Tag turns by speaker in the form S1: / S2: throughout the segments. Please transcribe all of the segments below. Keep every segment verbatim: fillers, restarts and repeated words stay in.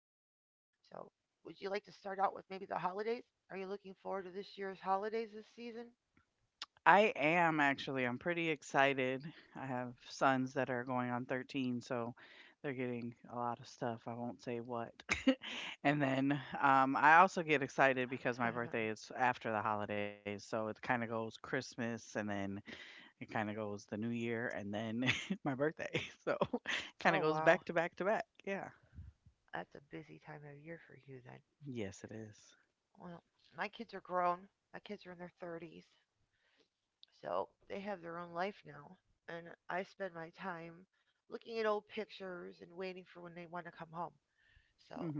S1: So, would you like to start out with maybe the holidays? Are you looking forward to this year's holidays this season?
S2: I am actually, I'm pretty excited. I have sons that are going on thirteen, so they're getting a lot of stuff. I won't say what. And then um, I also get excited because my birthday is after the holidays, so it kind of goes Christmas and then it kind of goes the New Year and then my birthday. So
S1: Oh,
S2: kind of goes
S1: wow.
S2: back to back to back. Yeah.
S1: That's a busy time of year for you then.
S2: Yes, it is.
S1: Well, my kids are grown. My kids are in their thirties. So they have their own life now. And I spend my time looking at old pictures and waiting for when they want to come home.
S2: Mm-hmm.
S1: So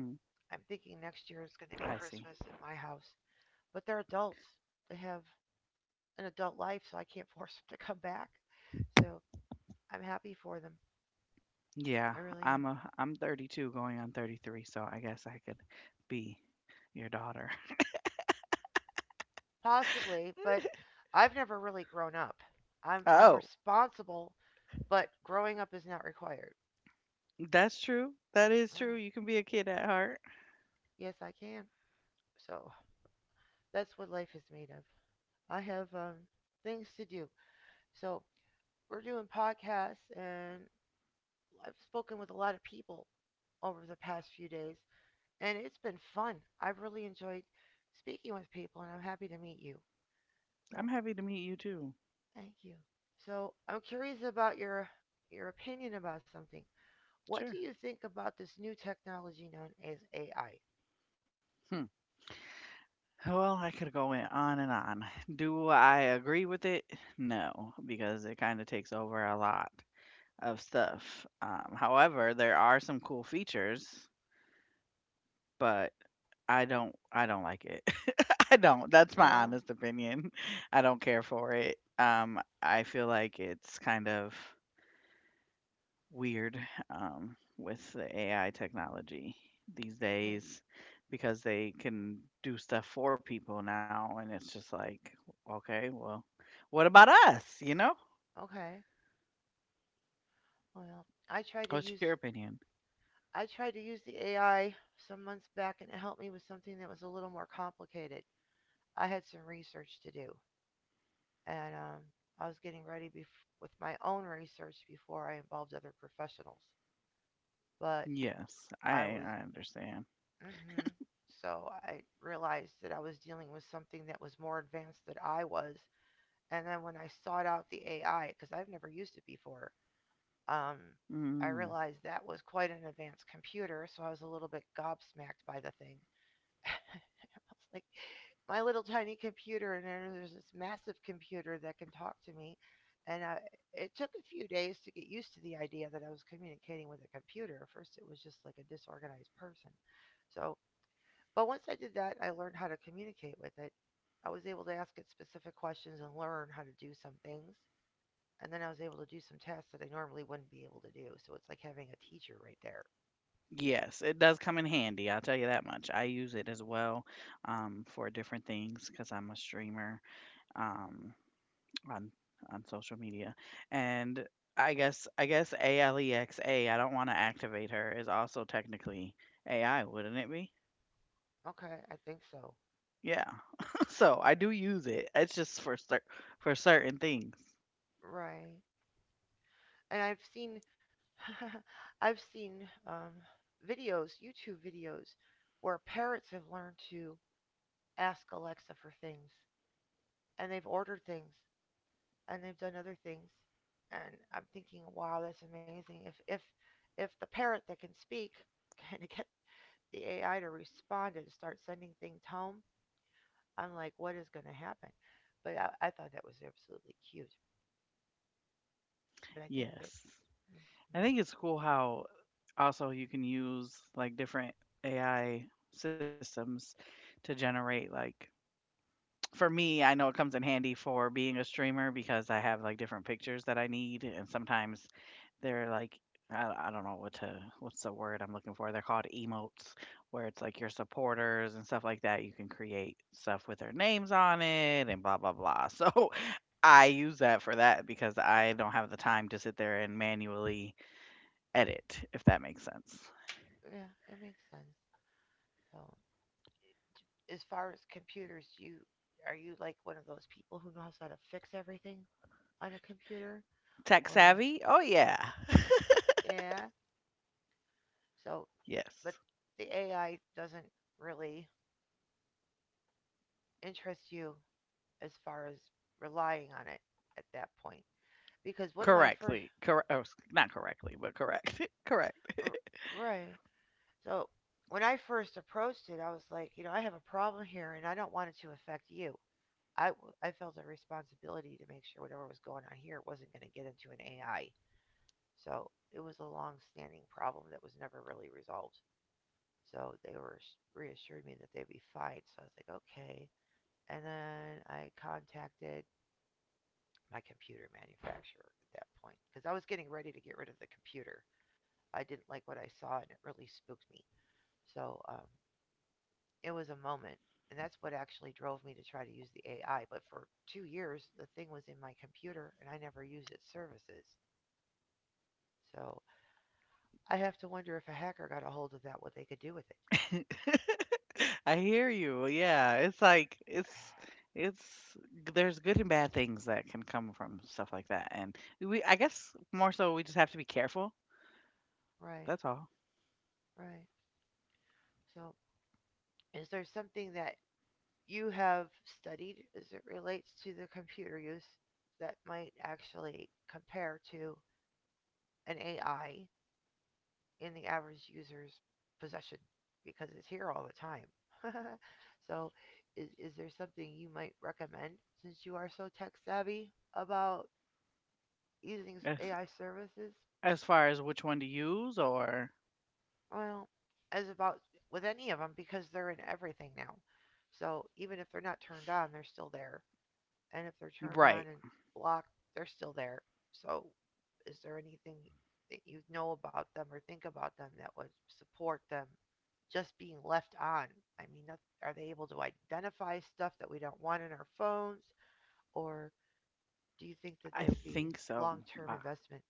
S1: I'm thinking next year
S2: I
S1: is going to
S2: see.
S1: be Christmas at my house. But they're adults. They have an adult life, so I can't force them to come back. So I'm happy for them.
S2: Yeah,
S1: I really am.
S2: I'm a I'm thirty-two going on thirty-three, so I guess I could be your daughter.
S1: Possibly, but I've never really grown up. I'm I'm
S2: Oh,
S1: responsible, but growing up is not required.
S2: that's true. That is
S1: Mm.
S2: true. You can be a kid at heart.
S1: Yes, I can. So that's what life is made of. I have um, things to do. So we're doing podcasts, and I've spoken with a lot of people over the past few days, and it's been fun. I've really enjoyed speaking with people, and I'm happy to meet you. So
S2: I'm happy to meet you too.
S1: thank you. So I'm curious about your your opinion about something. What do you
S2: Sure.
S1: think about this new technology known as A I?
S2: Hmm. Well, I could go in on and on. Do I agree with it? No, because it kind of takes over a lot of stuff. Um, however, there are some cool features, but I don't I don't like it. I don't. That's my
S1: No?
S2: honest opinion. I don't care for it. Um, I feel like it's kind of weird um, with the A I technology these
S1: Okay.
S2: days because they can do stuff for people now, and it's just like, okay, well, what about us? You know?
S1: Okay. Well, I try to
S2: What's
S1: use
S2: your opinion?
S1: I tried to use the A I some months back, and it helped me with something that was a little more complicated. I had some research to do, and um, I was getting ready bef- with my own research before I involved other professionals. But
S2: Yes,
S1: I
S2: I
S1: was,
S2: I understand.
S1: hmm so I realized that I was dealing with something that was more advanced than I was. And then when I sought out the A I, because I've never used it before, um, I
S2: Mm.
S1: realized that was quite an advanced computer, so I was a little bit gobsmacked by the thing. Like, my little tiny computer, and then there's this massive computer that can talk to me. And I, it took a few days to get used to the idea that I was communicating with a computer. At first, it was just like a disorganized person. So, but once I did that, I learned how to communicate with it. I was able to ask it specific questions and learn how to do some things. And then I was able to do some tasks that I normally wouldn't be able to do. So it's like having a teacher right there.
S2: Yes, it does come in handy, I'll tell you that much. I use it as well, um, for different things because 'cause I'm a streamer, um, on on social media, and I guess I guess ALEXA, I don't wanna activate her, is also technically A I, wouldn't it be?
S1: Okay, I think so.
S2: Yeah. So, I do use it, it's just for cer for certain things.
S1: Right. And I've seen I've seen um, videos, YouTube videos, where parrots have learned to ask Alexa for things, and they've ordered things, and they've done other things, and I'm thinking, wow, that's amazing. If if if the parrot that can speak can get the A I to respond and start sending things home, I'm like, what is going to happen? But I, I thought that was absolutely cute. But I think the mhm,
S2: Yes. I think it's cool how also you can use, like, different A I systems to generate, like, for me, I know it comes in handy for being a streamer because I have like different pictures that I need, and sometimes they're like I, I don't know what to what's the word I'm looking for. They're called emotes, where it's like your supporters and stuff like that. You can create stuff with their names on it and blah blah blah. So I use that for that because I don't have the time to sit there and manually edit, if that makes sense.
S1: yeah, it makes sense. So as far as computers, do you are you like one of those people who knows how to fix everything on a computer,
S2: Tech
S1: or
S2: savvy? Oh yeah,
S1: yeah? So, but
S2: yes,
S1: the A I doesn't really interest you as far as relying on it at that point because one of my first
S2: correctly, correct. Oh, not correctly, but correct, correct.
S1: right. So when I first approached it, I was like, you know, I have a problem here and I don't want it to affect you. I I felt a responsibility to make sure whatever was going on here wasn't going to get into an AI. So it was a long standing problem that was never really resolved. So they were reassured me that they'd be fine. So I was like, okay. And then I contacted my computer manufacturer at that point because I was getting ready to get rid of the computer. I didn't like what I saw and it really spooked me. So um, it was a moment. And that's what actually drove me to try to use the A I. But for two years, the thing was in my computer and I never used its services. So I have to wonder if a hacker got a hold of that, what they could do with it.
S2: I hear you. Yeah, it's like it's it's there's good and bad things that can come from stuff like that, and we I guess more so we just have to be careful.
S1: Right,
S2: That's all.
S1: right. So, is there something that you have studied as it relates to the computer use that might actually compare to an A I in the average user's possession? Because it's here all the time. So, is, is there something you might recommend since you are so tech savvy about using
S2: As
S1: A I services?
S2: as far as which one to use, or
S1: Well, as about with any of them because they're in everything now. So even if they're not turned on, they're still there. And if they're turned
S2: right,
S1: on and blocked, they're still there. So, is there anything that you know about them or think about them that would support them just being left on? I mean, are they able to identify stuff that we don't want in our phones, or do you think that
S2: I
S1: they would be
S2: think so.
S1: long-term
S2: Uh,
S1: investment?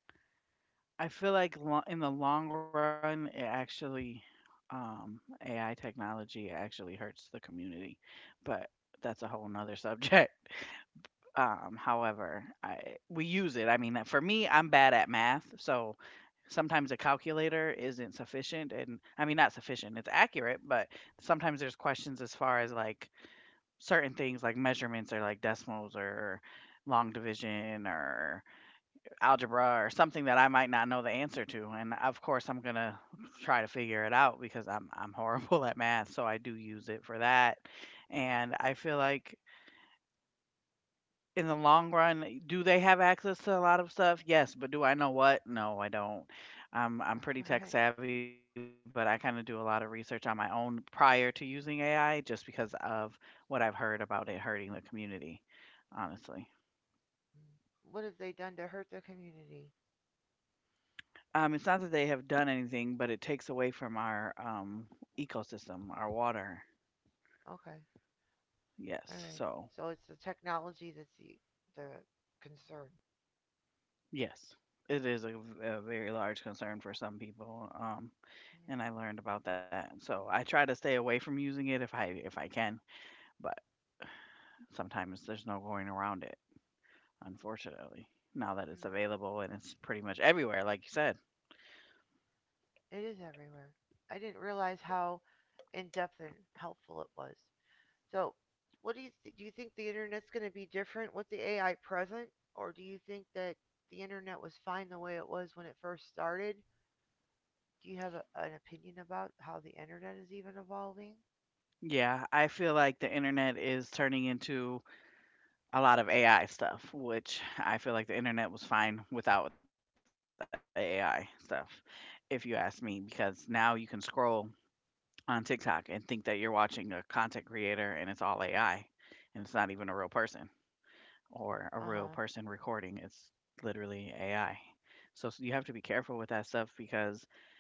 S2: I feel like lo- in the long run, it actually um, A I technology actually hurts the community, but that's a whole nother subject. Um, however, I we use it. I mean, uh, for me, I'm bad at math, so sometimes a calculator isn't sufficient and I mean not sufficient. It's accurate, but sometimes there's questions as far as like certain things like measurements or like decimals or long division or algebra or something that I might not know the answer to. And of course, I'm going to try to figure it out because I'm I'm horrible at math, so I do use it for that. And I feel like in the long run, do they have access to a lot of stuff? Yes, but do I know what? No, I don't. I'm I'm pretty
S1: All
S2: tech
S1: right.
S2: savvy, but I kind of do a lot of research on my own prior to using A I just because of what I've heard about it hurting the community, honestly.
S1: What have they done to hurt the community?
S2: Um, it's not that they have done anything, but it takes away from our um, ecosystem, our water.
S1: Okay. All
S2: Yes.
S1: right.
S2: So,
S1: So it's the technology that's the, the concern.
S2: yes, it is a a very large concern for some people. Um, And
S1: Mm-hmm.
S2: I learned about that. So I try to stay away from using it if I if I can, but sometimes there's no going around it, unfortunately. Now that it's available and it's pretty much everywhere like you said.
S1: It is everywhere. I didn't realize how in depth and helpful it was. So, what do you th- do? You think the internet's going to be different with the A I present, or do you think that the internet was fine the way it was when it first started? Do you have a, an opinion about how the internet is even evolving?
S2: Yeah, I feel like the internet is turning into a lot of A I stuff, which I feel like the internet was fine without the A I stuff, if you ask me, because now you can scroll on TikTok and think that you're watching a content creator and it's all A I and it's not even a real person or a real person
S1: Uh huh.
S2: recording. It's literally A I. So s- you have to be careful with that stuff because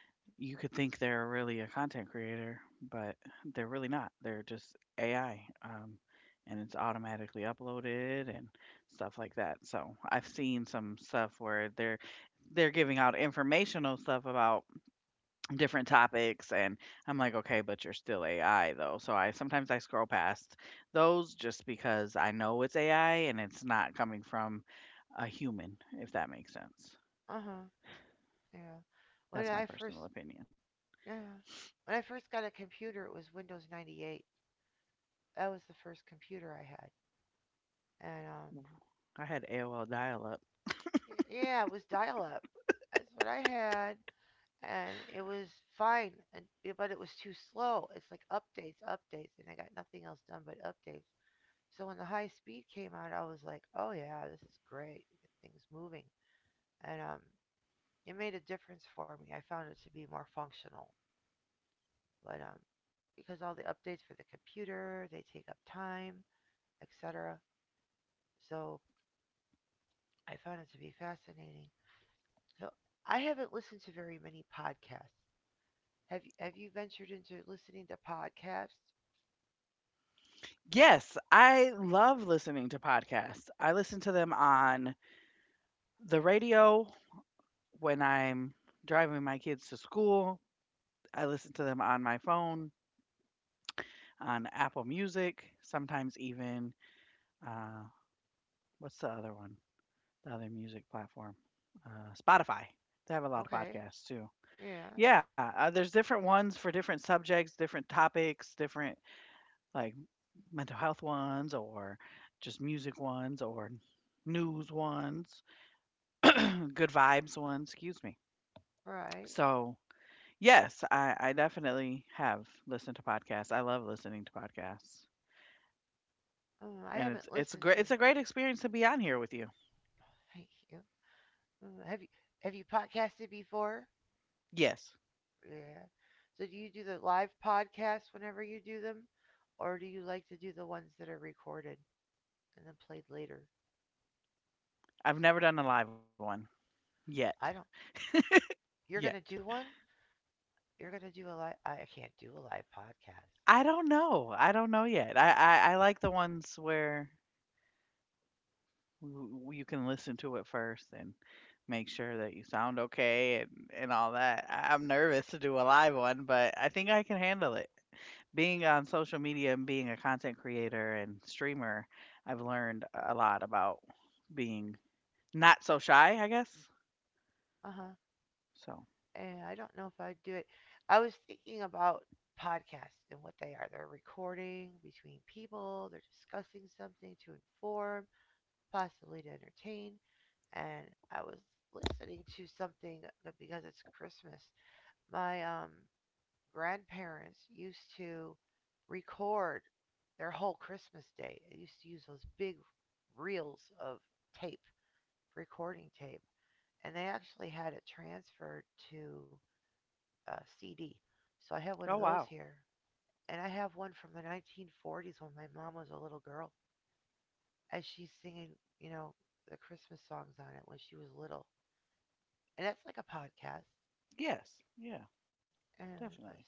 S2: you could think they're really a content creator, but they're really not. They're just A I. Um, and it's automatically uploaded and stuff like that. So I've seen some stuff where they're they're giving out informational stuff about different topics and I'm like, okay, but you're still A I though. So I sometimes I scroll past those just because I know it's A I and it's not coming from a human, if that makes sense.
S1: Uh huh. Yeah. When
S2: That's my
S1: I first
S2: personal opinion.
S1: yeah, when I first got a computer, it was Windows ninety-eight. That was the first computer I had, and um,
S2: Mhm. I had A O L dial up.
S1: yeah, it was dial-up. That's what I had. And it was fine, and, eh, but it was too slow. It's like updates, updates, and I got nothing else done but updates. So when the high speed came out, I was like, oh yeah, this is great. Get things moving, and um, it made a difference for me. I found it to be more functional, but um, because all the updates for the computer, they take up time, et cetera. So I found it to be fascinating. So I haven't listened to very many podcasts. Have you, have you ventured into listening to podcasts?
S2: Yes, I love listening to podcasts. I listen to them on the radio when I'm driving my kids to school. I listen to them on my phone, on Apple Music, sometimes even uh, what's the other one? The other music platform, uh, Spotify. They have a lot of
S1: Okay.
S2: podcasts too.
S1: Yeah,
S2: Yeah, uh, there's different ones for different subjects, different topics, different like mental health ones, or just music ones, or news ones, good vibes ones. Excuse me.
S1: right.
S2: So yes, I, I definitely have listened to podcasts. I love listening to podcasts,
S1: Mm, I
S2: and it's
S1: haven't
S2: it's a
S1: listened
S2: great
S1: to
S2: it's
S1: 'em.
S2: a great experience to be on here with you.
S1: Thank you. Mm, have you have you podcasted before?
S2: Yes,
S1: Yeah. So do you do the live podcasts whenever you do them, or do you like to do the ones that are recorded and then played later?
S2: I've never done a live one yet.
S1: I don't.
S2: Yet.
S1: You're gonna do one. You're gonna do a live. I can't do a live podcast.
S2: I don't know. I don't know yet. I I, I like the ones where w- w- you can listen to it first and make sure that you sound okay and and all that. I, I'm nervous to do a live one, but I think I can handle it. Being on social media and being a content creator and streamer, I've learned a lot about being not so shy, I guess.
S1: Uh huh.
S2: So,
S1: And I don't know if I'd do it. I was thinking about podcasts and what they are. They're recording between people. They're discussing something to inform possibly to entertain. And I was listening to something uh, because it's Christmas. My um, grandparents used to record their whole Christmas day. They used to use those big reels of tape, recording tape, and they actually had it transferred to uh, C D. So I have one of
S2: oh
S1: those
S2: wow,
S1: here. And I have one from the nineteen forties when my mom was a little girl, and she's singing, you know, the Christmas songs on it when she was little. And that's like a podcast.
S2: yes. Yeah,
S1: And I
S2: definitely.
S1: was,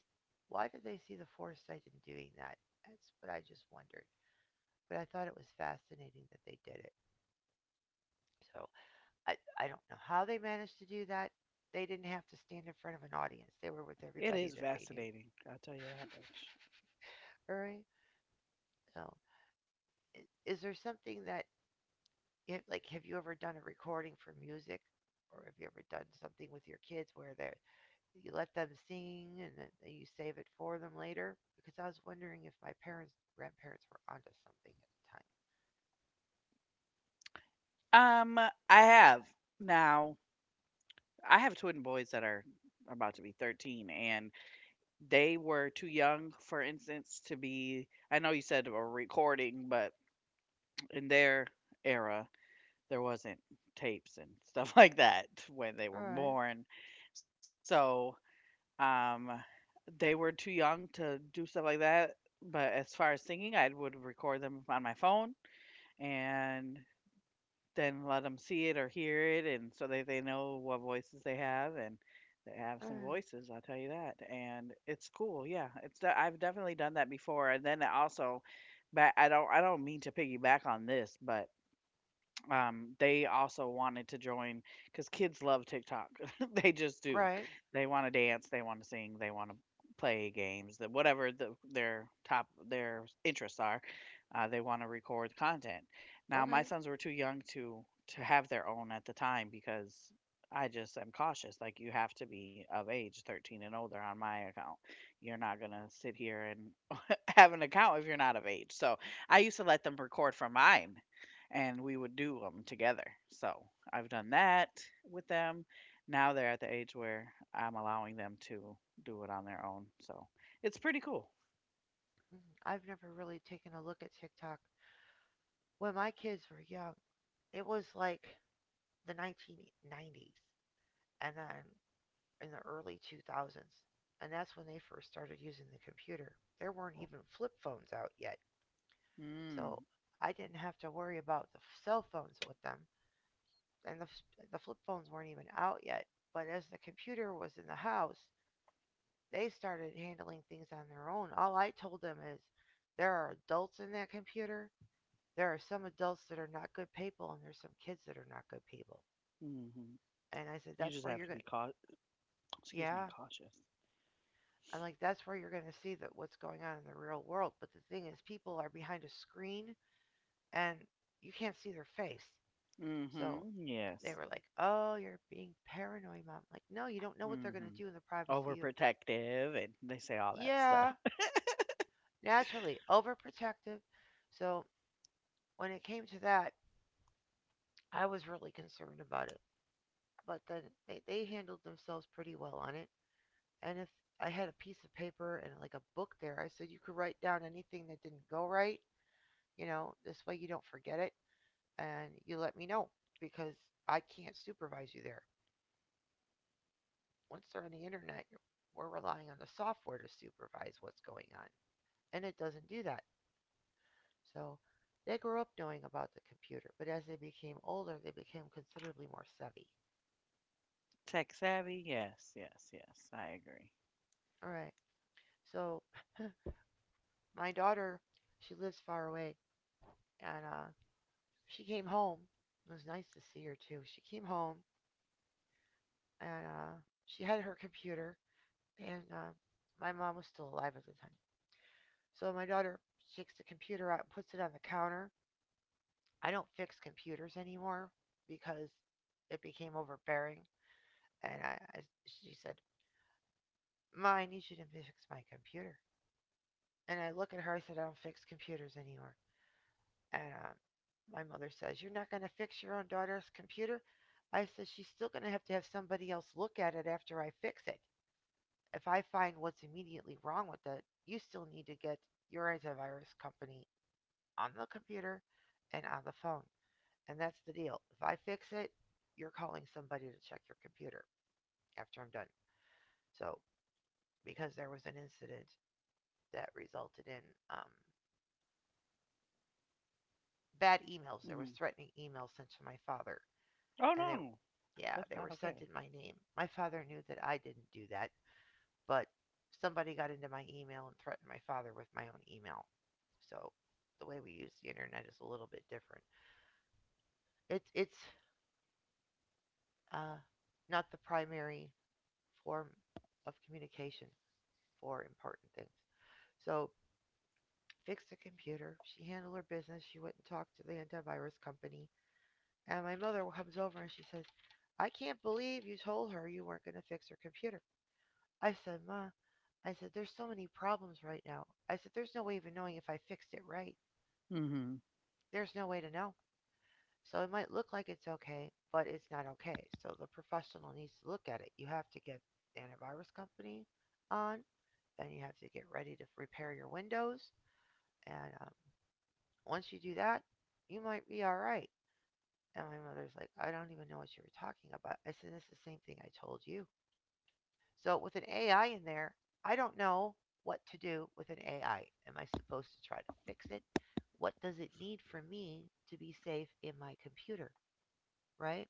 S1: why did they see the foresight in doing that? That's what I just wondered. But I thought it was fascinating that they did it. So I, I don't know how they managed to do that. They didn't have to stand in front of an audience. They were with everybody
S2: It
S1: that
S2: is
S1: they knew.
S2: fascinating. I'll tell you that much.
S1: All right. So is there something that like have you ever done a recording for music, or have you ever done something with your kids where they are you let them sing and then you save it for them later because I was wondering if my parents grandparents were onto something at
S2: Um, I have now. I have twin boys that are about to be thirteen and they were too young for instance to be. I know you said a recording but in their era there wasn't tapes and stuff like that when they
S1: the time.
S2: were
S1: All right.
S2: born. So, um they were too young to do stuff like that, but as far as singing, I would record them on my phone and then let them see it or hear it, and so they they know what voices they have, and they have
S1: All
S2: some
S1: right.
S2: voices. I'll tell you that, and it's cool. Yeah, it's de- I've definitely done that before, and then also, but I don't I don't mean to piggyback on this, but um, they also wanted to join because kids love TikTok. They just do.
S1: Right.
S2: They want to dance. They want to sing. They want to play games. That whatever the, their top their interests are, uh, they want to record content. Now my
S1: Okay.
S2: sons were too young to to have their own at the time because I just am cautious. Like you have to be of age, thirteen and older, on my account. You're not gonna sit here and have an account if you're not of age. So I used to let them record from mine and we would do them together. So I've done that with them. Now they're at the age where I'm allowing them to do it on their own. So it's pretty cool.
S1: i I've never really taken a look at TikTok. When my kids were young, it was like the nineteen nineties and then in the early two thousands. And that's when they first started using the computer. There weren't even flip phones out yet.
S2: Mm,
S1: So I didn't have to worry about the cell phones with them. And the the flip phones weren't even out yet. But as the computer was in the house, they started handling things on their own. All I told them is there are adults in that computer. There are some adults that are not good people, and there's some kids that are not good people.
S2: hmm.
S1: And I said
S2: You
S1: that's
S2: just
S1: where you're
S2: have to
S1: gonna,
S2: be cau- Excuse me,
S1: yeah.
S2: cautious.
S1: I'm like, that's where you're gonna see that what's going on in the real world. But the thing is, people are behind a screen, and you can't see their face. So
S2: Mm-hmm.
S1: they
S2: Yes.
S1: were like, "Oh, you're being paranoid, mom." I'm like, no, you don't know what they're gonna
S2: Mm-hmm.
S1: do in the privacy.
S2: Overprotective and they say all that
S1: Yeah,
S2: stuff.
S1: naturally, overprotective. So when it came to that, I was really concerned about it. But then they, they handled themselves pretty well on it. And if I had a piece of paper and like a book there, I said you could write down anything that didn't go right, you know, this way you don't forget it, and you let me know because I can't supervise you there. Once they're on the internet, you're, we're relying on the software to supervise what's going on. And it doesn't do that. So they grew up knowing about the computer, but as they became older, they became considerably more savvy.
S2: Tech savvy. Yes, yes, yes. I agree.
S1: All right. So my daughter, she lives far away, and uh, she came home. It was nice to see her too. She came home and uh, she had her computer, and uh, my mom was still alive at the time. So my daughter takes the computer out and puts it on the counter. I don't fix computers anymore because it became overbearing. And I, I she said, Ma, I need you to fix my computer. And I look at her. I said, I don't fix computers anymore. And um, My mother says, You're not going to fix your own daughter's computer? I said, She's still going to have to have somebody else look at it after I fix it. If I find what's immediately wrong with it, you still need to get your antivirus company on the computer and on the phone. And that's the deal. If I fix it, you're calling somebody to check your computer after I'm done. So, because there was an incident that resulted in um,
S2: Mm-hmm.
S1: bad emails. There was threatening emails sent to my father,
S2: Oh no,
S1: and they,
S2: that's not
S1: yeah,
S2: okay.
S1: they were sent in my name. My father knew that I didn't do that, but somebody got into my email and threatened my father with my own email. So the way we use the internet is a little bit different. It's it's uh, not the primary form of communication for important things. So fixed the computer. She handled her business. She went and talked to the antivirus company. And my mother comes over and she says, I can't believe you told her you weren't going to fix her computer. I said, Ma, I said, there's so many problems right now. I said, there's no way of even knowing if I fixed it right.
S2: Mhm.
S1: There's no way to know. So it might look like it's okay, but it's not okay. So the professional needs to look at it. You have to get the antivirus company on, and you have to get ready to repair your Windows. And um, Once you do that, you might be all right. And my mother's like, I don't even know what you were talking about. I said, It's the same thing I told you. So with an A I in there, I don't know what to do with an A I. Am I supposed to try to fix it? What does it need for me to be safe in my computer? Right?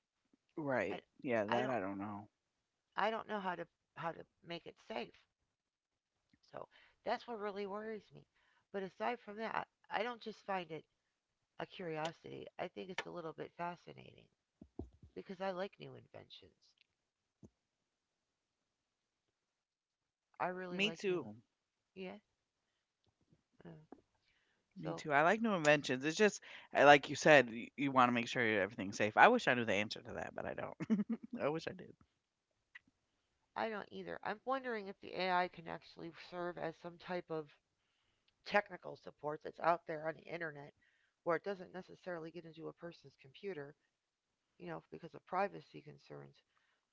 S1: I,
S2: Right. Yeah,
S1: I don't
S2: that I don't know.
S1: I don't know how to how to make it safe. So that's what really worries me. But aside from that, I don't just find it a curiosity. I think it's a little bit fascinating because I like new inventions. I really
S2: Me
S1: like new.
S2: too.
S1: Yeah. Oh.
S2: Me
S1: So
S2: too. I like new inventions. It's just, I- like you said, you, you want to make sure everything's safe. I wish I knew the answer to that, but I don't. I wish I did.
S1: I don't either. I'm wondering if the A I can actually serve as some type of technical support that's out there on the internet where it doesn't necessarily get into a person's computer, you know, because of privacy concerns,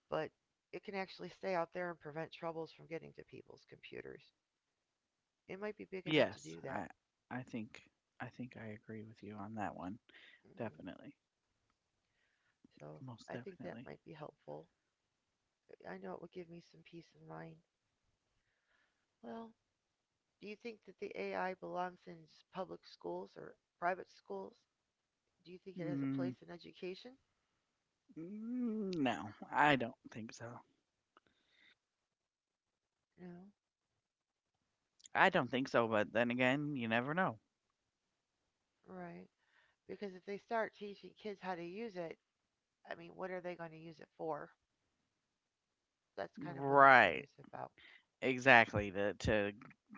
S1: but it can actually stay out there and prevent troubles from getting to people's computers. It might be big enough to
S2: Yes,
S1: do that.
S2: I I think I think I agree with you on that one.
S1: Hmm.
S2: Definitely.
S1: So
S2: Most
S1: I think that
S2: definitely.
S1: might be helpful. I know it would give me some peace of mind. Well, do you think that the A I belongs in s- public schools or private schools? Do you think it has a
S2: Mm,
S1: place in education?
S2: mm, no, I don't think so.
S1: No.
S2: I don't think so, but then again, you never know.
S1: Right. Because if they start teaching kids how to use it, I mean, what are they going to use it for? That's kind of what I'm
S2: Right.
S1: curious about.
S2: Exactly. To to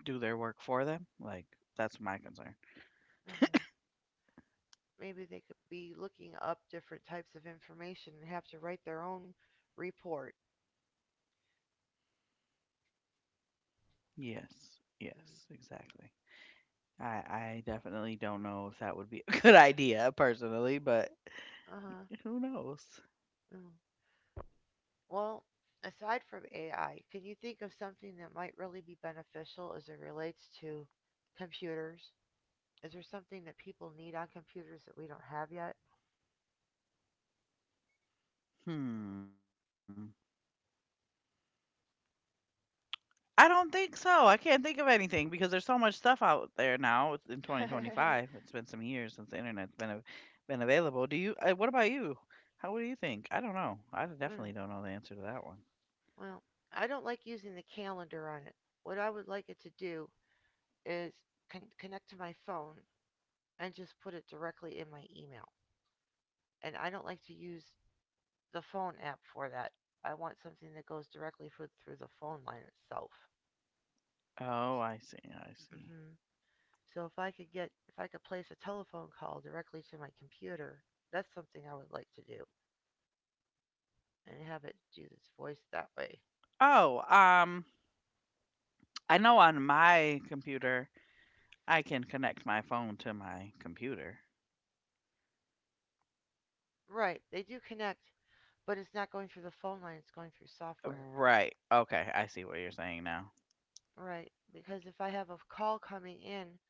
S2: do their work for them. Like that's my concern.
S1: Hmm. Maybe they could be looking up different types of information and have to write their own report.
S2: Yes,
S1: Mm.
S2: yes, exactly. I I definitely don't know if that would be a good idea personally, but
S1: Uh huh.
S2: who knows?
S1: Mm. Well, aside from A I, can you think of something that might really be beneficial as it relates to computers? Is there something that people need on computers that we don't have yet?
S2: Hmm. I don't think so. I can't think of anything because there's so much stuff out there now. It's in twenty twenty-five. It's been some years since the internet's been av- been available. Do you uh, what about you? How what do you think? I don't know. I
S1: Mm.
S2: definitely don't know the answer to that one.
S1: Well, I don't like using the calendar on it. What I would like it to do is con- connect to my phone and just put it directly in my email. And I don't like to use the phone app for that. I want something that goes directly through, through the phone line itself.
S2: Oh, I see. I
S1: Hmm.
S2: see.
S1: So if I could get if I could place a telephone call directly to my computer, that's something I would like to do and have it do this voice that way.
S2: Oh, um I know on my computer I can connect my phone to my computer.
S1: Right, they do connect, but it's not going through the phone line, it's going through software.
S2: Right. Okay, I see what you're saying now.
S1: Right. Because if I have a call coming in,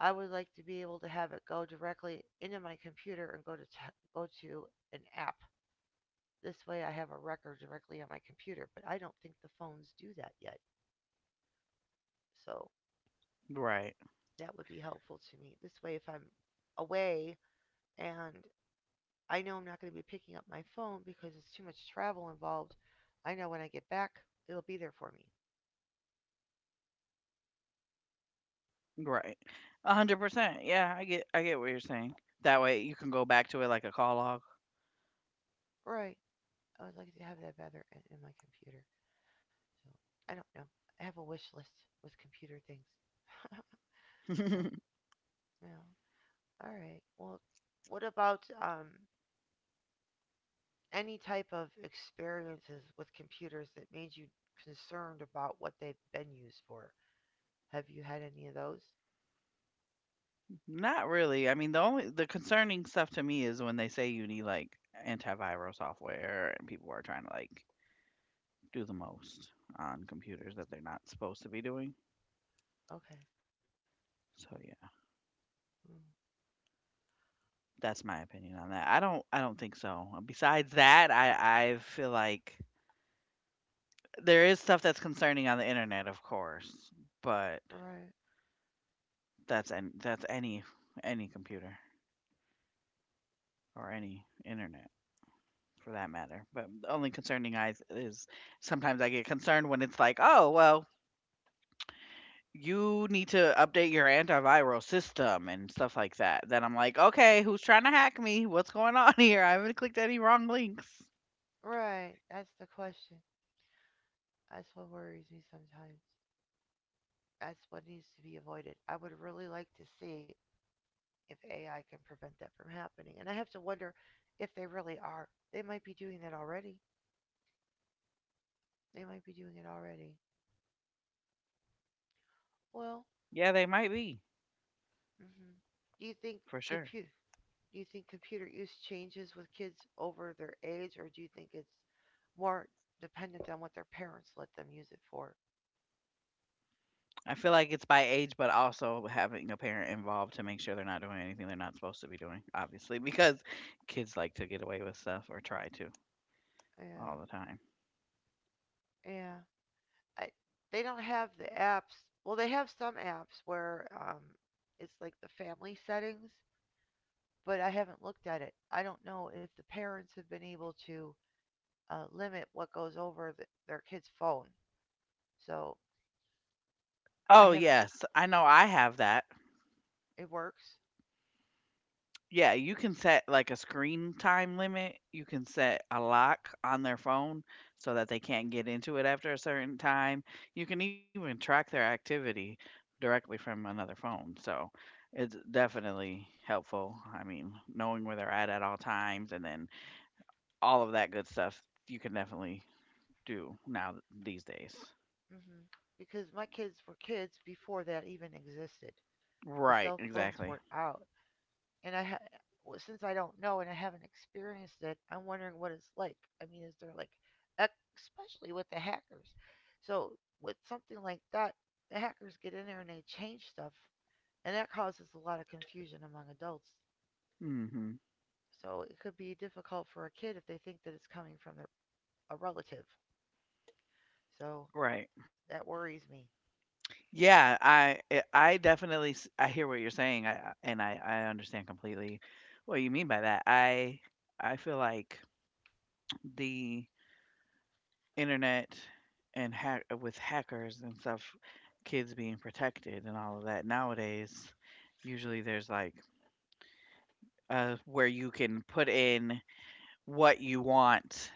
S1: I would like to be able to have it go directly into my computer and go to t- go to an app. This way I have a record directly on my computer, but I don't think the phones do that yet. So
S2: Right.
S1: that would be helpful to me. This way if I'm away and I know I'm not going to be picking up my phone because it's too much travel involved, I know when I get back, it'll be there for me.
S2: Right. one hundred percent. Yeah, I get I get what you're saying. That way you can go back to it like a call log.
S1: Right. I would like to have that better in, in my computer. So I don't know. I have a wish list with computer things. So yeah. All right. Well, what about um, any type of experiences with computers that made you concerned about what they've been used for? Have you had any of those?
S2: Not really. I mean, the only the concerning stuff to me is when they say you need like antiviral software and people are trying to like do the most on computers that they're not supposed to be doing.
S1: Okay.
S2: So yeah,
S1: Mm.
S2: that's my opinion on that. I don't I don't think so. Besides that, I I feel like there is stuff that's concerning on the internet, of course, but
S1: Right.
S2: that's an that's any any computer or any internet for that matter. But the only concerning I is sometimes I get concerned when it's like, oh well, you need to update your antiviral system and stuff like that. Then I'm like, okay, who's trying to hack me? What's going on here? I haven't clicked any wrong links.
S1: Right. That's the question. That's what worries me sometimes. That's what needs to be avoided. I would really like to see if A I can prevent that from happening. And I have to wonder if they really are. They might be doing that already. They might be doing it already. Well,
S2: Yeah, they might be
S1: hmm, do you think
S2: for sure.
S1: compute? Do you think computer use changes with kids over their age, or do you think it's more dependent on what their parents let them use it for?
S2: I feel like it's by age, but also having a parent involved to make sure they're not doing anything they're not supposed to be doing, obviously, because kids like to get away with stuff or try to
S1: Yeah,
S2: all the time.
S1: yeah. I they don't have the apps. Well, they have some apps where um, it's like the family settings, but I haven't looked at it. I don't know if the parents have been able to uh, limit what goes over the, their kid's phone. So I
S2: Oh,
S1: haven't.
S2: yes. I know I have that.
S1: It works,
S2: Yeah, you can set, like, a screen time limit, you can set a lock on their phone so that they can't get into it after a certain time. You can even track their activity directly from another phone, so it's definitely helpful, I mean, knowing where they're at at all times and then all of that good stuff you can definitely do now th- these days.
S1: hmm, because my kids were kids before that even existed. The
S2: Right,
S1: cell phones
S2: exactly.
S1: weren't out, and I ha- well, since I don't know and I haven't experienced it, I'm wondering what it's like. I mean, is there like, especially with the hackers? So with something like that, the hackers get in there and they change stuff, and that causes a lot of confusion among adults.
S2: Mhm.
S1: So it could be difficult for a kid if they think that it's coming from their a relative. So
S2: Right.
S1: that worries me.
S2: Yeah, I I I definitely s- I hear what you're saying. I I- and I I understand completely what you mean by that. I I feel like the internet and hack with hackers and stuff, kids being protected and all of that nowadays, usually there's like uh where you can put in what you want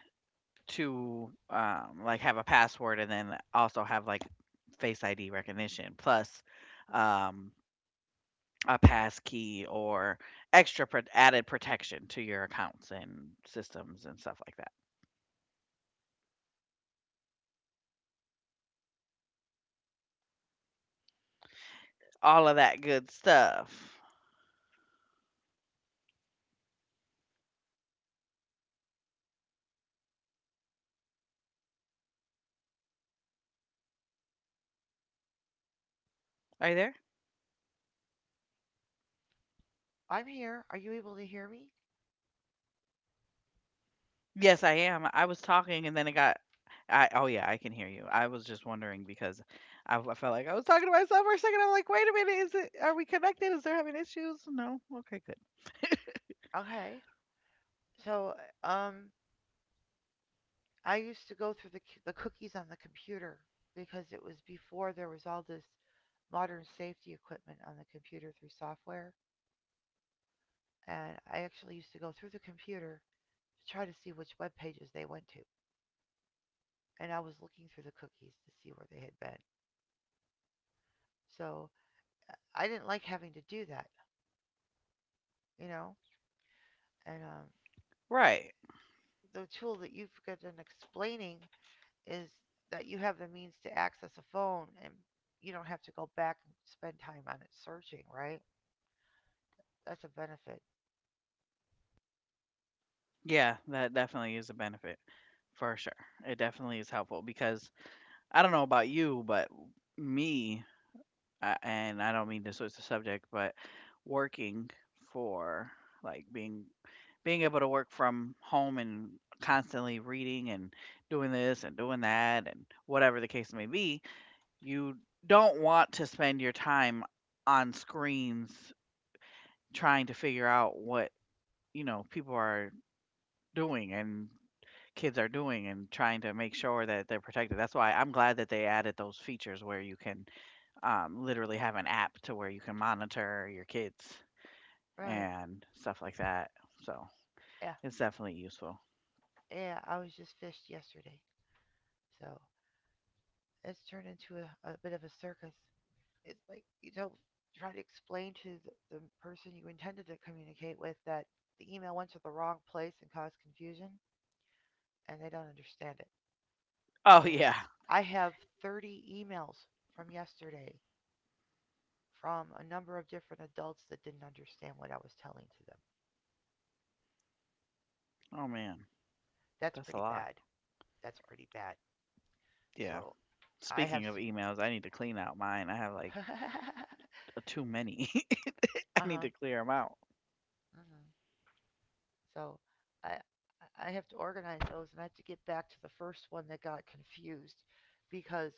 S2: to um like have a password and then also have like face I D recognition plus um a passkey or extra pro- added protection to your accounts and systems and stuff like that. All of that good stuff. Are you there?
S1: I'm here. Are you able to hear me?
S2: Yes, I am. I was talking and then it got. I oh yeah, I can hear you. I was just wondering because I, I felt like I was talking to myself for a second. I'm like, wait a minute, is it? Are we connected? Is there having issues? No. Okay, good.
S1: Okay. So, um, I used to go through the the cookies on the computer because it was before there was all this modern safety equipment on the computer through software, and I actually used to go through the computer to try to see which web pages they went to, and I was looking through the cookies to see where they had been. So, uh, I didn't like having to do that, you know. And um,
S2: Right.
S1: The tool that you've gotten explaining is that you have the means to access a phone and you don't have to go back and spend time on it searching, right? That's a benefit.
S2: Yeah, that definitely is a benefit for sure. It definitely is helpful because I don't know about you, but me, uh, and I don't mean to switch the subject, but working for like being being able to work from home and constantly reading and doing this and doing that and whatever the case may be, you don't want to spend your time on screens trying to figure out what, you know, people are doing and kids are doing and trying to make sure that they're protected. That's why I'm glad that they added those features where you can um, literally have an app to where you can monitor your kids
S1: Right.
S2: and stuff like that. So
S1: Yeah.
S2: it's definitely useful.
S1: Yeah. I was just fished yesterday. So it's turned into a, a bit of a circus. It's like you don't try to explain to the, the person you intended to communicate with that the email went to the wrong place and caused confusion, and they don't understand it.
S2: Oh
S1: So
S2: yeah.
S1: I have thirty emails from yesterday from a number of different adults that didn't understand what I was telling to them.
S2: Oh man,
S1: That's
S2: that's a
S1: pretty
S2: lot.
S1: bad. That's pretty bad.
S2: Yeah.
S1: So I
S2: Speaking
S1: have,
S2: of emails, I need to clean out mine. I have like
S1: s-
S2: uh, too many. I need
S1: uh-huh,
S2: to clear them out.
S1: hmm So I I have to organize those, and I have to get back to the first one that got confused because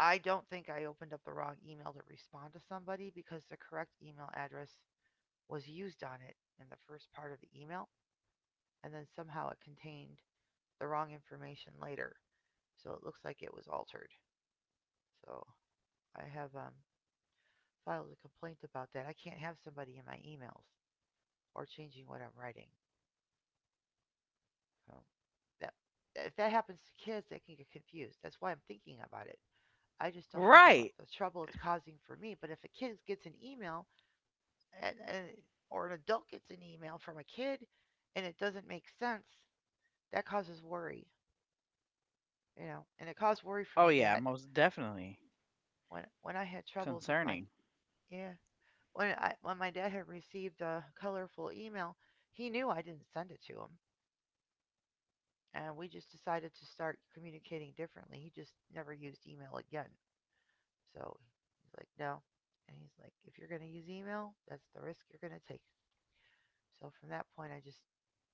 S1: I don't think I opened up the wrong email to respond to somebody because the correct email address was used on it in the first part of the email, and then somehow it contained the wrong information later. So it looks like it was altered. So I have um, filed a complaint about that. I can't have somebody in my emails or changing what I'm writing. So that if that happens to kids, they can get confused. That's why I'm thinking about it. I just don't think about
S2: Right.
S1: the trouble it's causing for me. But if a kid gets an email and, and or an adult gets an email from a kid and it doesn't make sense, that causes worry, you know. And it caused worry for
S2: Oh
S1: my
S2: yeah,
S1: dad
S2: most definitely
S1: when when I had troubles with my
S2: concerning.
S1: yeah when I, when my dad had received a colorful email, he knew I didn't send it to him, and we just decided to start communicating differently. He just never used email again. So he's like, no, and he's like, if you're going to use email, that's the risk you're going to take. So from that point, I just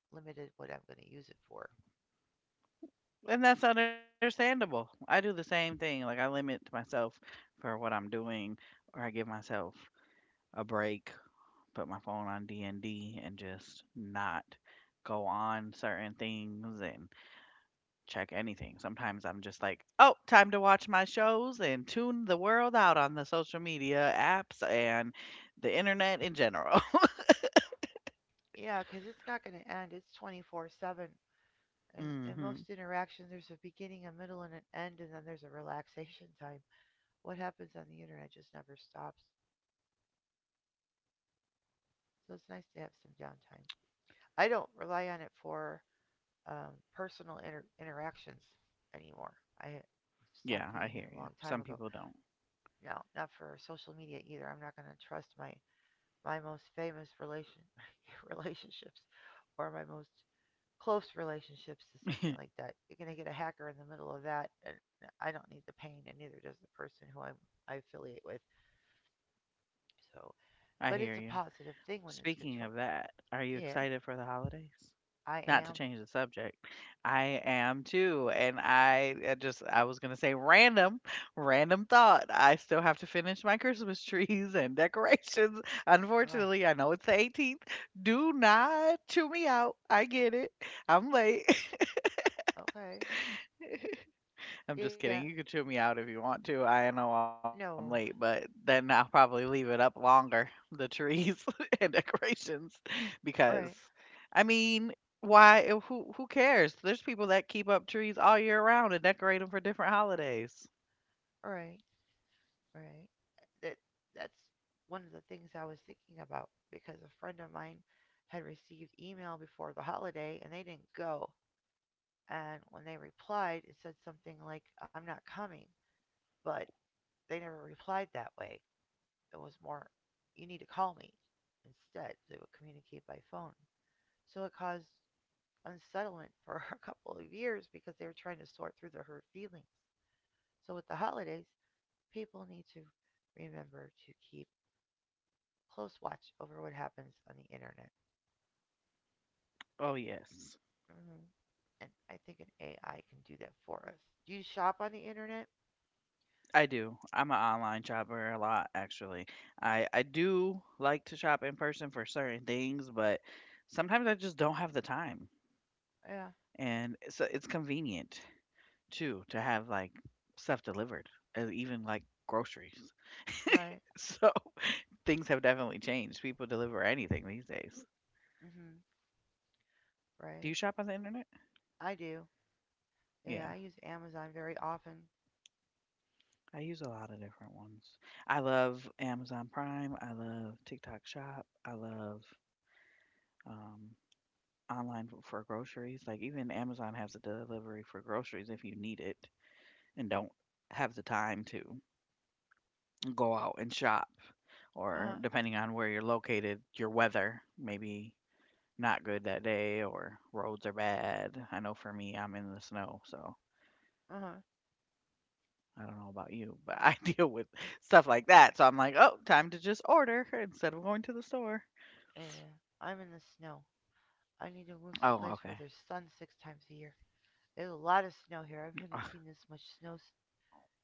S1: limited what I'm going to use it for.
S2: And that's understandable. I do the same thing. Like I limit myself for what I'm doing or I give myself a break, put my phone on D and D and just not go on certain things and check anything. Sometimes I'm just like, oh, time to watch my shows and tune the world out on the social media apps and the internet in general.
S1: Yeah, because it's not going to end. It's twenty-four seven. And in
S2: hmm
S1: most interactions, there's a beginning, a middle, and an end, and then there's a relaxation time. What happens on the internet just never stops. So it's nice to have some downtime. I don't rely on it for um, personal inter- interactions anymore. I stopped using
S2: Yeah,
S1: it a
S2: I
S1: long
S2: hear you.
S1: time ago.
S2: Some people don't.
S1: No, not for social media either. I'm not going to trust my my most famous relation relationships or my most close relationships to something like that. You're going to get a hacker in the middle of that, and I don't need the pain, and neither does the person who I'm, I affiliate with. So,
S2: I
S1: but
S2: hear
S1: it's a
S2: you.
S1: positive thing when it's
S2: Speaking of
S1: controlled.
S2: that, are you
S1: Yeah,
S2: excited for the holidays?
S1: I
S2: Not to
S1: am.
S2: change the subject. I am too. And I, I just, I was going to say random, random thought. I still have to finish my Christmas trees and decorations.
S1: All right.
S2: Unfortunately, I know it's the eighteenth. Do not chew me out. I get it. I'm late.
S1: Okay.
S2: I'm just
S1: Yeah.
S2: kidding. You can chew me out if you want to. I know I'm late,
S1: No.
S2: but then I'll probably leave it up longer, the trees and decorations, because
S1: Right.
S2: I mean, why eh, who who cares? There's people that keep up trees all year round and decorate them for different holidays.
S1: Right. Right. That that's one of the things I was thinking about because a friend of mine had received email before the holiday and they didn't go. And when they replied, it said something like, "I'm not coming," but they never replied that way. It was more, "You need to call me." Instead, they would communicate by phone. So it caused unsettlement for a couple of years because they were trying to sort through their hurt feelings. So with the holidays, people need to remember to keep close watch over what happens on the internet.
S2: Oh yes.
S1: hmm And I think an A I can do that for us. Do you shop on the internet?
S2: I do. I'm an online shopper a lot actually. I I do like to shop in person for certain things, but sometimes I just don't have the time.
S1: Yeah,
S2: And so it's convenient too to have, like, stuff delivered, and even, like, groceries.
S1: right.
S2: So, things have definitely changed. People deliver anything these days.
S1: Hmm.
S2: Do you shop on
S1: Right.
S2: the internet?
S1: I do.
S2: Yeah.
S1: Yeah, I use Amazon very often.
S2: I use a lot of different ones. I love Amazon Prime. I love TikTok Shop. I love um, online f- for groceries. Like, even Amazon has a delivery for groceries if you need it and don't have the time to go out and shop,
S1: Uh
S2: or
S1: huh.
S2: depending on where you're located, your weather. Maybe not good that day or roads are bad. I know for me, I'm in the snow, so
S1: Uh huh.
S2: I don't know about you, but I deal with stuff like that. So I'm like, oh, time to just order instead of going to the store.
S1: Yeah. I'm in the snow. I need
S2: Oh,
S1: to move
S2: okay.
S1: someplace where there's sun six times a year. There's a lot of snow here. I
S2: Ugh,
S1: haven't seen this much snow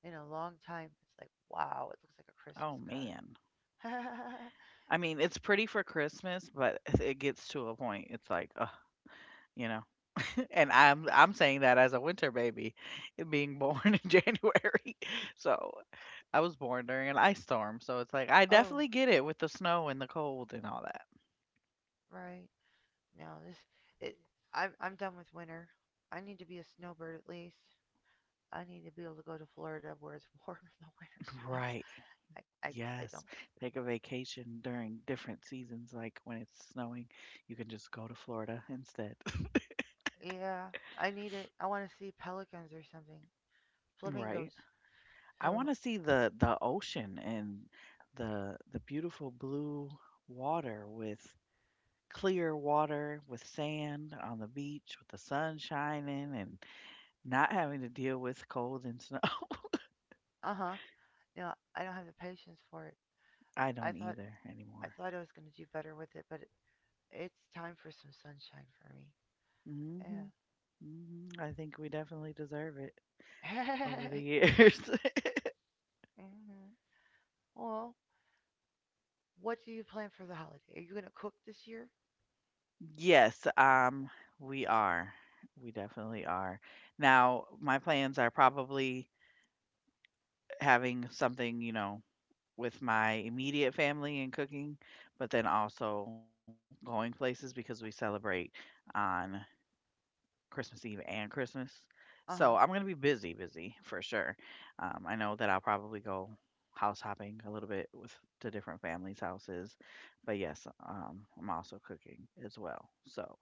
S1: in a long time. It's like, wow, it looks like a
S2: oh,
S1: Christmas card.
S2: man. I mean, it's pretty for Christmas, but it gets to a point. It's like, ugh, you know. And I'm I'm saying that as a winter baby, being born in January. So I was born during an ice storm. So it's like I
S1: Oh,
S2: definitely get it with the snow and the cold and all.
S1: right. No, this it. I'm I'm done with winter. I need to be a snowbird at least. I need to be able to go to Florida where it's warm in the winter time.
S2: Right.
S1: I
S2: Yes.
S1: I I don't.
S2: Take a vacation during different seasons, like when it's snowing, you can just go to Florida instead.
S1: Yeah, I need it. I want to see pelicans or something. Flamingos.
S2: Right. I
S1: So,
S2: want to see the the ocean and the the beautiful blue water, with clear water with sand on the beach, with the sun shining and not having to deal with cold and snow.
S1: uh huh. No, I don't have the patience for it.
S2: I
S1: I
S2: don't
S1: thought
S2: either
S1: I
S2: anymore.
S1: thought I was gonna do better with it, but it, it's time for some sunshine for me. Yeah.
S2: Mhm. Mhm. I think we definitely deserve it over the
S1: yeah.
S2: years.
S1: Hmm. Well, what do you plan for the holiday? Are you gonna cook this year?
S2: Yes, um, we are. We definitely are. Now, my plans are probably having something, you know, with my immediate family and cooking, but then also going places because we celebrate on Christmas Eve and Christmas. So
S1: Uh
S2: I'm
S1: huh.
S2: going to be busy, busy for sure. Um, I know that I'll probably go house hopping a little bit with the different families' houses, but yes, um, I'm also cooking as well. So.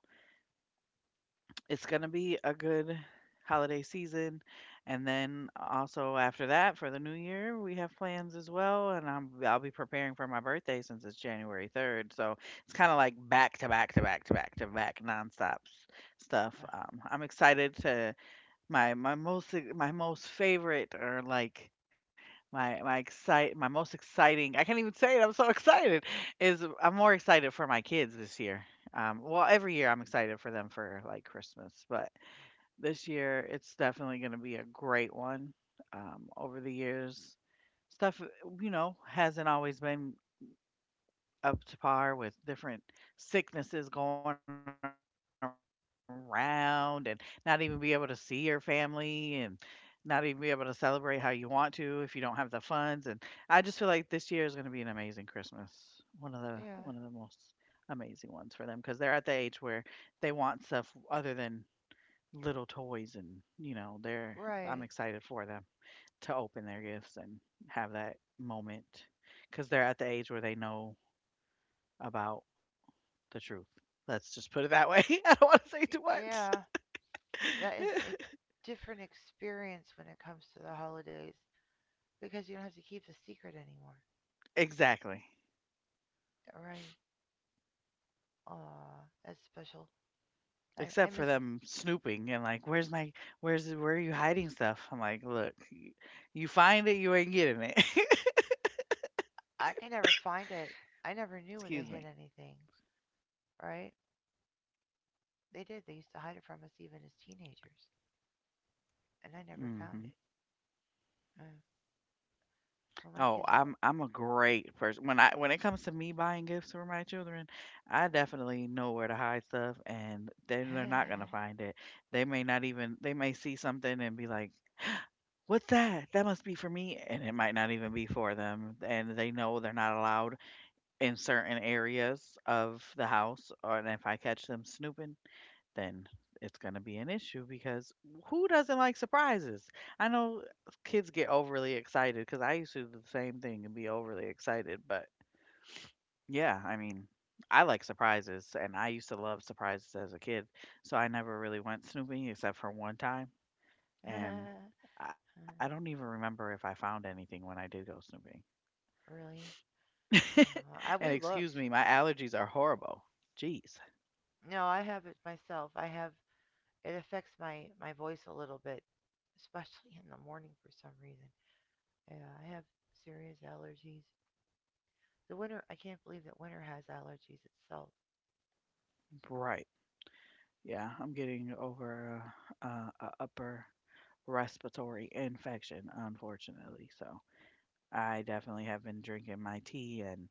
S2: It's going to be a good holiday season. And then also after that, for the new year, we have plans as well. And I'm, I'll be preparing for my birthday since it's January third. So it's kind of like back to back to back to back to back nonstop s-
S1: Uh,
S2: stuff. Um, I'm excited to my my most e my most favorite or, like, my my excite my most exciting, I can't even say it, I'm so excited, is I'm more excited for my kids this year. Um, well, every year I'm excited for them for, like, Christmas, but this year, it's definitely gonna be a great one. Um, over the years, stuff, you know, hasn't always been up to par with different sicknesses going around and not even be able to see your family and not even be able to celebrate how you want to if you don't have the funds, and I just feel like this year is going to be an amazing Christmas. One of the one of the most
S1: yeah.
S2: amazing ones for them cuz they're at the age where they want stuff other than little toys and you know, they're I'm excited
S1: Right.
S2: for them to open their gifts and have that moment cuz they're at the age where they know about the truth. Let's just put it that way. I don't want to say too much.
S1: Yeah. That is a different experience when it comes to the holidays because you don't have to keep the secret anymore.
S2: Exactly.
S1: Right. Aw, that's special. I, I
S2: Except for
S1: miss
S2: them snooping and like, where's my, where's, where are you hiding stuff? I'm like, look, you find it, you ain't getting it.
S1: I can never find it. I never knew where they
S2: Excuse
S1: hid
S2: me.
S1: anything. Right? They did. They used to hide it from us even as teenagers. And I never
S2: Hmm
S1: found it. Uh, well, my
S2: Oh,
S1: kids were.
S2: I'm I'm a great person. When I when it comes to me buying gifts for my children, I definitely know where to hide stuff, and they they're not gonna find it. They may not even they may see something and be like, what's that? That must be for me. And it might not even be for them. And they know they're not allowed in certain areas of the house. Or, and if I catch them snooping, then it's going to be an issue because who doesn't like surprises? I know kids get overly excited because I used to do the same thing and be overly excited. But yeah, I mean, I like surprises and I used to love surprises as a kid. So I never really went snooping except for one time and I don't even remember if I found anything when I did go snooping.
S1: Really? Uh, I, we
S2: and Excuse
S1: looked.
S2: me, my allergies are horrible. Jeez.
S1: No, I have it myself. I have it affects my my voice a little bit, especially in the morning for some reason. Yeah, I have serious allergies. The winter, I can't believe that winter has allergies itself.
S2: Right. Yeah, I'm getting over a, a, a upper respiratory infection, unfortunately. So I definitely have been drinking my tea and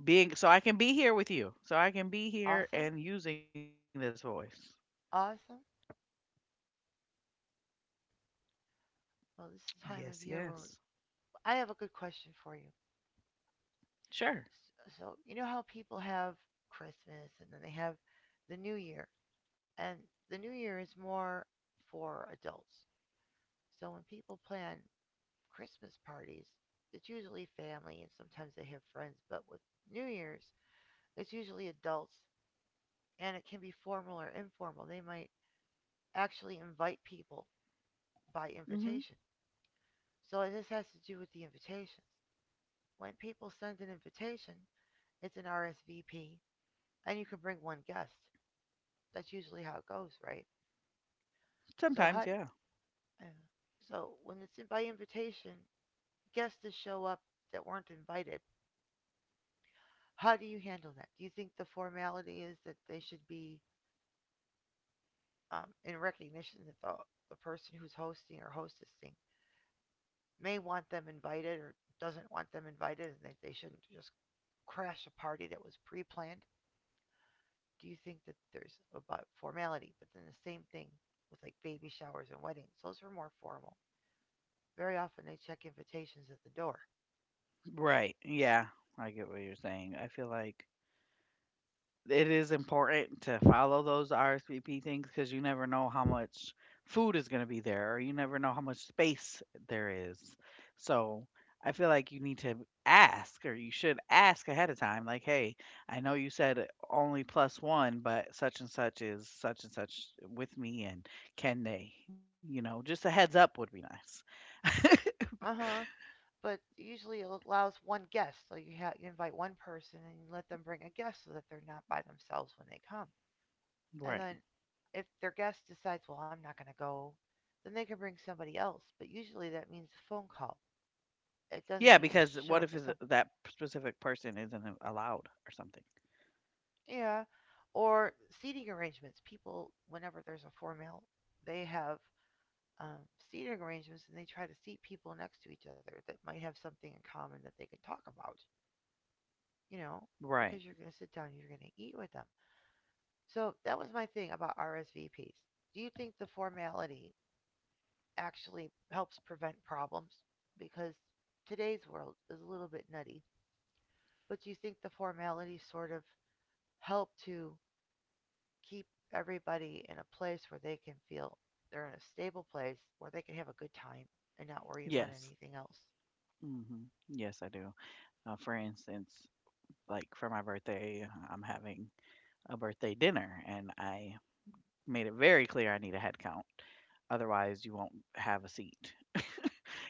S2: being so I can be here with you. So I can be here
S1: Awesome,
S2: and using this voice.
S1: awesome. Well, this is the time
S2: Yes,
S1: of year where
S2: yes.
S1: I have a good question for you.
S2: Sure.
S1: So, you know how people have Christmas and then they have the New Year, and the New Year is more for adults. So when people plan Christmas parties, it's usually family and sometimes they have friends, but with New Year's, it's usually adults, and it can be formal or informal. They might actually invite people by
S2: Mhm.
S1: invitation. So this has to do with the invitations. When people send an invitation, it's an R S V P, and you can bring one guest. That's usually how it goes, right? So
S2: Sometimes, yeah.
S1: H U D, uh, so when it's in by invitation, guests to show up that weren't invited. How do you handle that? Do you think the formality is that they should be um, in recognition that the, the person who's hosting or hostessing may want them invited or doesn't want them invited and that they shouldn't just crash a party that was pre-planned? Do you think that there's about formality, but then the same thing with like baby showers and weddings, those are more formal, very often they check invitations at the door.
S2: Right. Yeah. I get what you're saying. I feel like it is important to follow those R S V P things because you never know how much food is going to be there, or you never know how much space there is. So I feel like you need to ask, or you should ask ahead of time, like, hey, I know you said only plus one, but such and such is such and such with me, and can they? You know, just a heads up would be nice.
S1: Uh-huh, but usually it allows one guest, so you, ha- you invite one person and you let them bring a guest so that they're not by themselves when they come, and then
S2: Right.
S1: if their guest decides, well, I'm not going to go, then they can bring somebody else, but usually that means a phone call. It doesn't
S2: Yeah,
S1: mean just
S2: because
S1: show
S2: what
S1: up
S2: if
S1: with
S2: is-
S1: some.
S2: that specific person isn't allowed or something?
S1: Yeah, or seating arrangements. People whenever there's a four male, they have um, seating arrangements and they try to seat people next to each other that might have something in common that they can talk about, you know,
S2: Right.
S1: because you're going to sit down and you're going to eat with them. So that was my thing about R S V Ps. Do you think the formality actually helps prevent problems because today's world is a little bit nutty, but do you think the formality sort of help to keep everybody in a place where they can feel they're in a stable place where they can have a good time and not worry about
S2: Yes.
S1: anything else.
S2: Hmm. Yes, I do. Uh, for instance, like for my birthday, I'm having a birthday dinner, and I made it very clear I need a head count. Otherwise, you won't have a seat.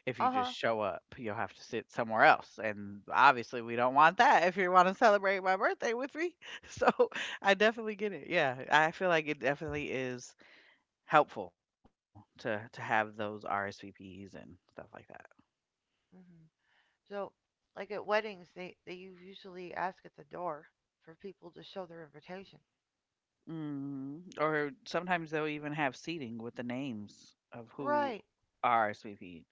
S2: If you
S1: Uh
S2: just
S1: huh.
S2: show up, you'll have to sit somewhere else. And obviously, we don't want that if you want to celebrate my birthday with me. So I definitely get it. Yeah, I feel like it definitely is helpful to to have those R S V Ps and stuff like that.
S1: Hmm. So, like at weddings, they, they usually ask at the door for people to show their invitation.
S2: Mhm. Or sometimes they'll even have seating with the names of who
S1: Right,
S2: are rsvp.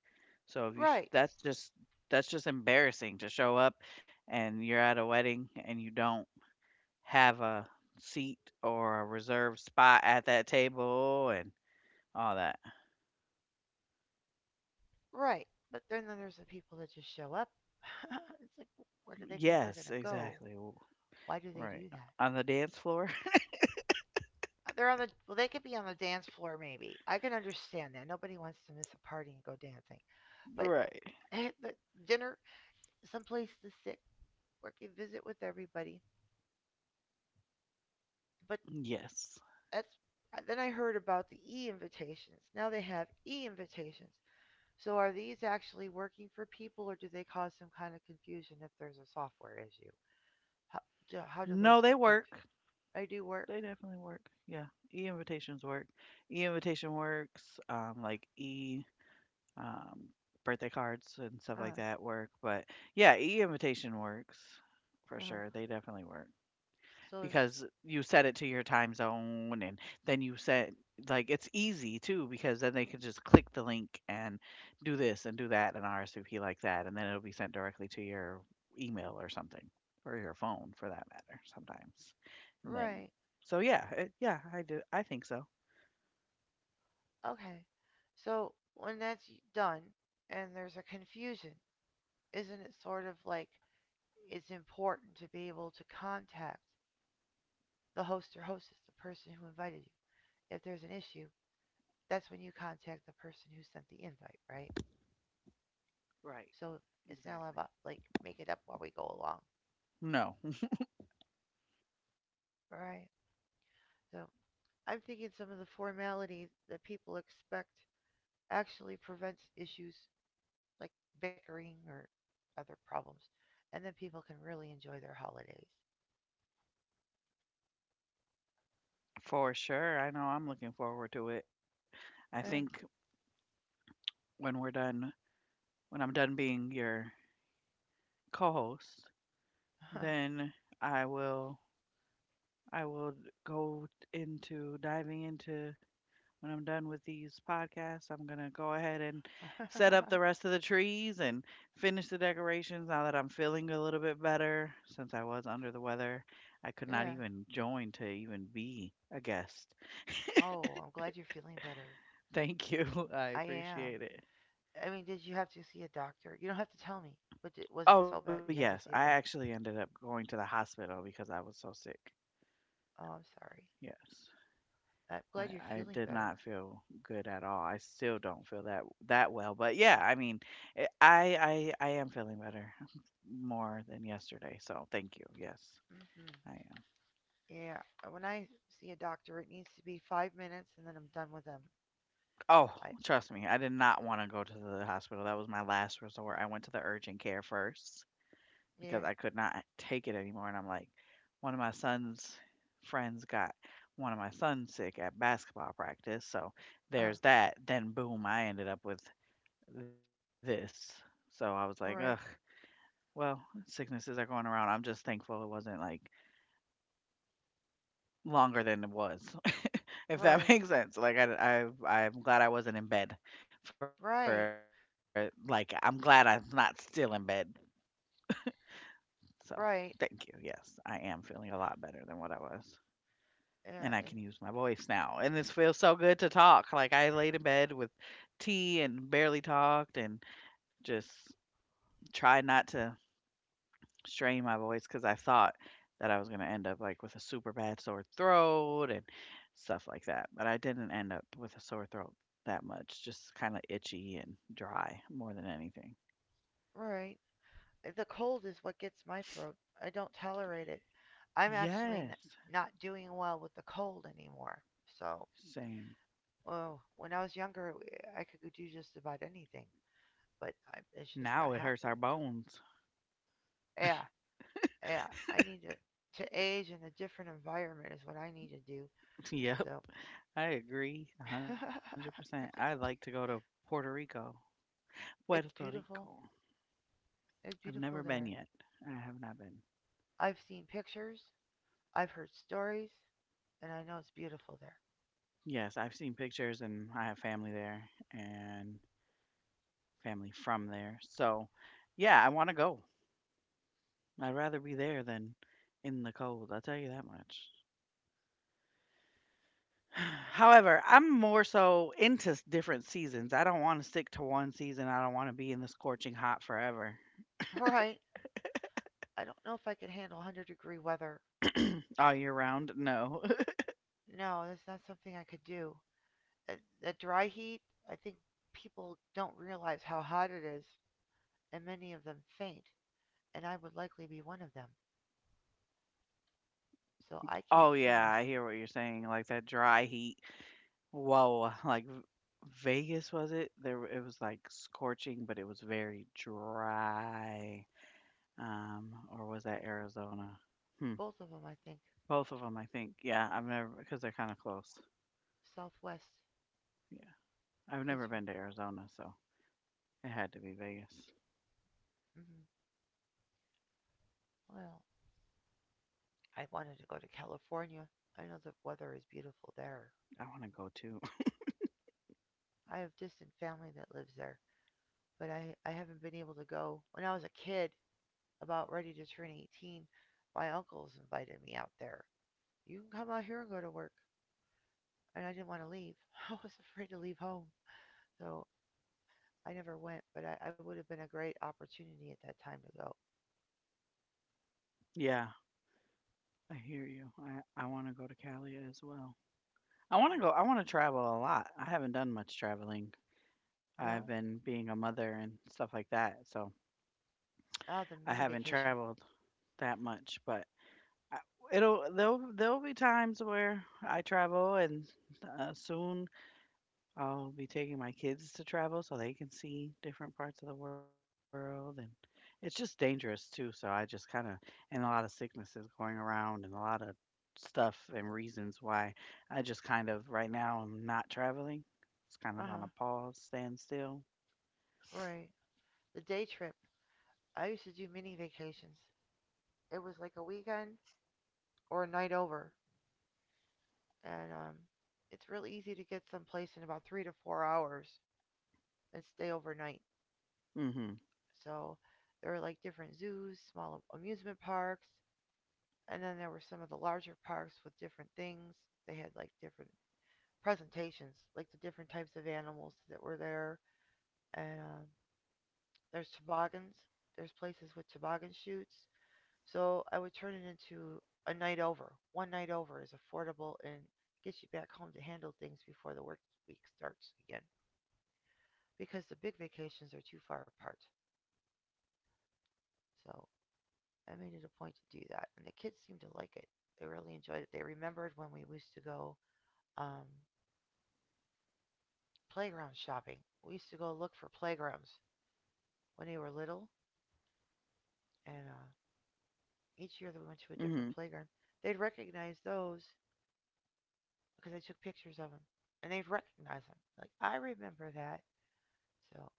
S2: So if you sh-
S1: right,
S2: that's just that's just embarrassing to show up and you're at a wedding and you don't have a seat or a reserved spot at that table and all that.
S1: right. But then there's the people that just show up. It's like, where do they think they're going
S2: Yes,
S1: to go?
S2: exactly. W-.
S1: Why do they
S2: Right.
S1: do that?
S2: On the dance floor?
S1: Uh, They're on the well. They could be on the dance floor, maybe. I can understand that. Nobody wants to miss a party and go dancing. But
S2: Right.
S1: eh, the dinner, someplace to sit, work a visit with everybody. But
S2: Yes.
S1: that's uh, then I heard about the e invitations. Now they have e invitations. So are these actually working for people, or do they cause some kind of confusion if there's a software issue? How do, how do those
S2: No, they
S1: get confused?
S2: work.
S1: I do work.
S2: They definitely work. Yeah. E invitations work. E invitation works. Um, like e um, birthday cards and stuff
S1: Uh
S2: like
S1: huh.
S2: that work. But yeah, e invitation works for
S1: Uh huh.
S2: sure. They definitely work
S1: So
S2: because you set it to your time zone and then you set like it's easy too because then they can just click the link and do this and do that and R S V P like that and then it'll be sent directly to your email or something or your phone for that matter sometimes. And then
S1: right.
S2: so yeah, it, yeah, I do I think so.
S1: Okay. So when that's done and there's a confusion, isn't it sort of like it's important to be able to contact the host or hostess, the person who invited you. If there's an issue, that's when you contact the person who sent the invite, right?
S2: Right.
S1: So it's not
S2: Exactly.
S1: about like make it up while we go along.
S2: No,
S1: All right. So I'm thinking some of the formality that people expect actually prevents issues like bickering or other problems, and then people can really enjoy their holidays.
S2: for sure. I know I'm looking forward to it. I think
S1: Yeah.
S2: when we're done, when I'm done being your co-host, then I will I will go into diving into when I'm done with these podcasts. I'm gonna go ahead and set up the rest of the trees and finish the decorations now that I'm feeling a little bit better since I was under the weather. I could not
S1: yeah.
S2: even join to even be a guest.
S1: Oh, I'm glad you're feeling better.
S2: Thank you. I
S1: I am.
S2: appreciate it.
S1: I mean, did you have to see a doctor? You don't have to tell me. But did, was it
S2: Oh
S1: so bad
S2: yes,
S1: that you
S2: I
S1: had to see a
S2: actually
S1: doctor?
S2: ended up going to the hospital because I was so sick.
S1: Oh, I'm sorry.
S2: Yes.
S1: I'm glad you're
S2: I I
S1: feeling
S2: did
S1: better.
S2: not feel good at all. I still don't feel that that well, but yeah, I mean, eh, I I I am feeling better more than yesterday. So, thank you. Yes.
S1: Hmm.
S2: I am.
S1: Yeah. uh, When I see a doctor, it needs to be five minutes, and then I'm done with them.
S2: Oh,
S1: I.
S2: trust me, I did not want to go to the hospital. That was my last resort. I went to the urgent care first
S1: Yeah.
S2: because I could not take it anymore. And I'm like, one of my son's friends got one of my sons sick at basketball practice. So
S1: Uh huh.
S2: there's that. Then, boom, I ended up with this. So I was like, ugh.
S1: Right.
S2: Well, sicknesses are going around. I'm just thankful it wasn't, like, longer than it was, if that
S1: Right.
S2: makes sense. Like, I I I'm glad I wasn't in bed for like,
S1: Right.
S2: I'm glad I'm not still in bed. So, thank you. Yes, I
S1: Right.
S2: am feeling a lot better than what I was, and I can use my
S1: Yeah. And
S2: voice now, and this feels so good to talk. Like, I laid in bed with tea and barely talked and just tried not to strain my voice because I thought that I was going to end up like with a super bad sore throat and stuff like that. But I didn't end up with a sore throat that much, just kind of itchy and dry more than anything.
S1: right. Uh, the cold is what gets my throat. I don't tolerate it. I'm actually n-
S2: Yes,
S1: not doing well with the cold anymore. So
S2: same.
S1: well, when I was younger, I could do just about anything, but I, it's just not
S2: Now it hurts
S1: happening.
S2: our bones.
S1: Yeah, yeah. I need to to age in a different environment is what I need to do.
S2: Yep,
S1: So
S2: I agree a
S1: I
S2: one hundred percent. I'd like to
S1: really
S2: go to
S1: do.
S2: Puerto Rico. Puerto
S1: It's
S2: Rico.
S1: beautiful. It's
S2: I've never
S1: beautiful
S2: been
S1: there.
S2: yet. I have not been.
S1: I've seen pictures. I've heard stories, and I know it's beautiful there.
S2: Yes, I've seen pictures and I have family there and family from there. So, yeah, I want to go. I'd rather be there than in the cold. I'll tell you that much. However, I'm more so into s- different seasons. I don't want to stick to one season. I don't want to be in the scorching hot forever.
S1: All right. I don't know if I could handle one hundred degree weather.
S2: All year round? No.
S1: No, that's not something I could do. Uh, The dry heat. I think people don't realize how hot it is and many of them faint, and I would likely be one of them. So I can't
S2: Oh,
S1: see
S2: yeah, I
S1: myself.
S2: hear what you're saying. Like that dry heat. Whoa. Like V- Vegas, was it? There, w- it was like scorching, but it was very dry. Um, or was that Arizona? Hmm.
S1: Both of them, I think.
S2: Both of them, I think. Yeah, I've never because they're kinda close.
S1: Southwest
S2: Yeah. I've never
S1: gets. R
S2: been to Arizona, so it had to be Vegas.
S1: mhm. Well, I wanted to go to California. I know the weather is beautiful there.
S2: I wanna go too.
S1: I have distant family that lives there, but I, I haven't been able to go. When I was a kid, about ready to turn eighteen, my uncles invited me out there. You can come out here and go to work. And I didn't want to leave. I was afraid to leave home. So I never went, but I, I would have been a great opportunity at that time to go.
S2: Yeah, I hear you. I I wanna go to Cali as well. I wanna go I wanna travel a lot. I haven't done much traveling. I've
S1: No?
S2: been being a mother and stuff like that, so
S1: Ah, the
S2: I
S1: mini
S2: haven't
S1: vacation.
S2: traveled that much, but I it'll there'll there'll be times where I travel and, uh, soon I'll be taking my kids to travel so they can see different parts of the world, and it's just dangerous too, so I just kinda and a lot of sicknesses going around and a lot of stuff and reasons why I just kind of right now I'm not traveling. It's kind
S1: Uh
S2: of on
S1: huh.
S2: a pause, standstill.
S1: Right. The day trip. I used to do mini vacations. It was like a weekend or a night over. And um, it's really easy to get someplace in about three to four hours and stay overnight.
S2: Mhm.
S1: So there were like different zoos, small amusement parks, and then there were some of the larger parks with different things. They had like different presentations, like the different types of animals that were there, and um, there's toboggans. There's places with toboggan shoots. So I would turn it into a night over. One night over is affordable and gets you back home to handle things before the work week starts again. Because the big vacations are too far apart. So I made it a point to do that, and the kids seemed to like it. They really enjoyed it. They remembered when we used to go um, playground shopping. We used to go look for playgrounds when they were little, and uh,
S2: Mhm.
S1: each year that we went to a different playground, they'd recognize those because I took pictures of him, and they'd recognize him. Like I remember that. So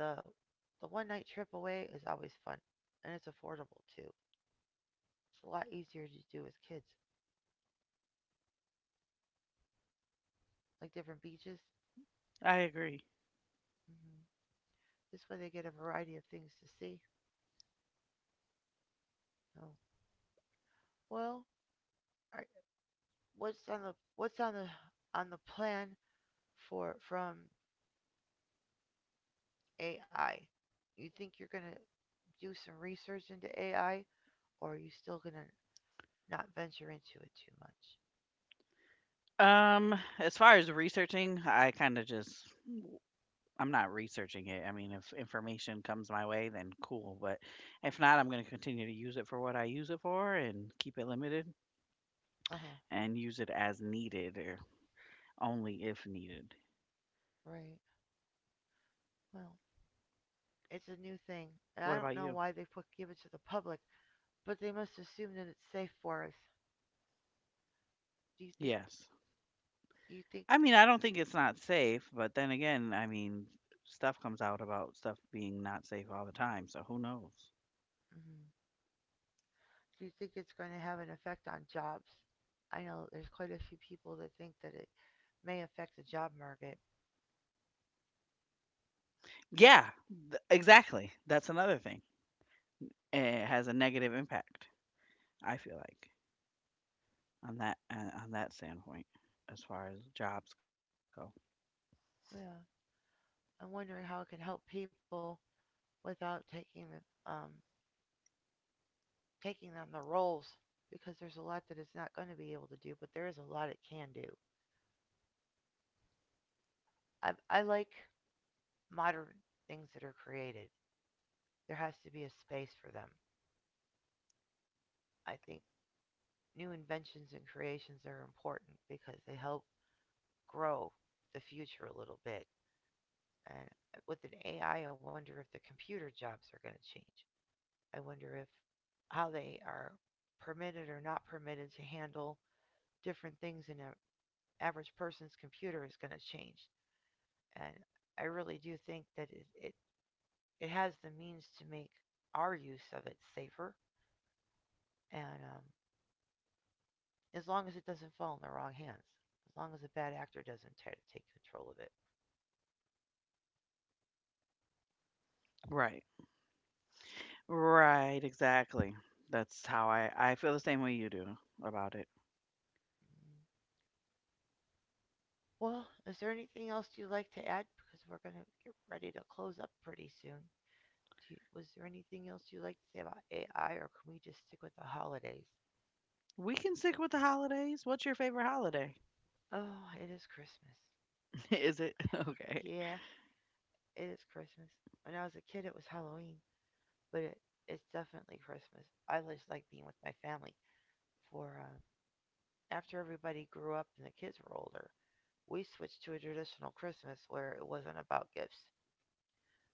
S1: the the one night trip away is always fun, and it's affordable too. It's a lot easier to do with kids, like different beaches.
S2: I agree.
S1: Hmm This way they get a variety of things to see. Oh, well, alright, what's on the what's on the on the plan for from A I? You think you're gonna do some research into A I, or are you still gonna not venture into it too much?
S2: Um, as far as researching, I kinda just I'm not researching it. I mean, if information comes my way, then cool. But if not, I'm going to continue to use it for what I use it for and keep it limited
S1: Uh huh.
S2: and use it as needed or only if needed.
S1: Right. Well, it's a new thing. And
S2: What
S1: I
S2: about
S1: don't know
S2: you?
S1: why they put give it to the public, but they must assume that it's safe for us. Do you think?
S2: Yes.
S1: Do you think?
S2: I mean, I don't think it's not safe, but then again, I mean, stuff comes out about stuff being not safe all the time. So who knows?
S1: Mhm. Do you think it's going to have an effect on jobs? I know there's quite a few people that think that it may affect the job market.
S2: Yeah, th- exactly. That's another thing. It has a negative impact, I feel like, on that uh, on that standpoint as far as jobs go.
S1: Yeah, I'm wondering how it can help people without taking the, um taking on the roles because there's a lot that it's not going to be able to do, but there is a lot it can do. I I like modern things that are created. There has to be a space for them. I think new inventions and creations are important because they help grow the future a little bit. And uh, with an A I, I I wonder if the computer jobs are going to change. I wonder if how they are permitted or not permitted to handle different things in an average person's computer is going to change. And I really do think that it, it, it has the means to make our use of it safer and um, as long as it doesn't fall in the wrong hands. As long as a bad actor doesn't try to take control of it.
S2: Right. Right, exactly. That's how I I feel the same way you do about it.
S1: Mm. Well, is there anything else you'd like to add? Because we're going to get ready to close up pretty soon. Do you, was there anything else you'd like to say about A I, or can we just stick with the holidays?
S2: We can stick with the holidays. What's your favorite holiday?
S1: Oh, it is Christmas.
S2: Is it? Okay.
S1: Yeah, it is Christmas. When I was a kid, it was Halloween, but it, it's definitely Christmas. I just like being with my family for um, after everybody grew up and the kids were older, we switched to a traditional Christmas where it wasn't about gifts.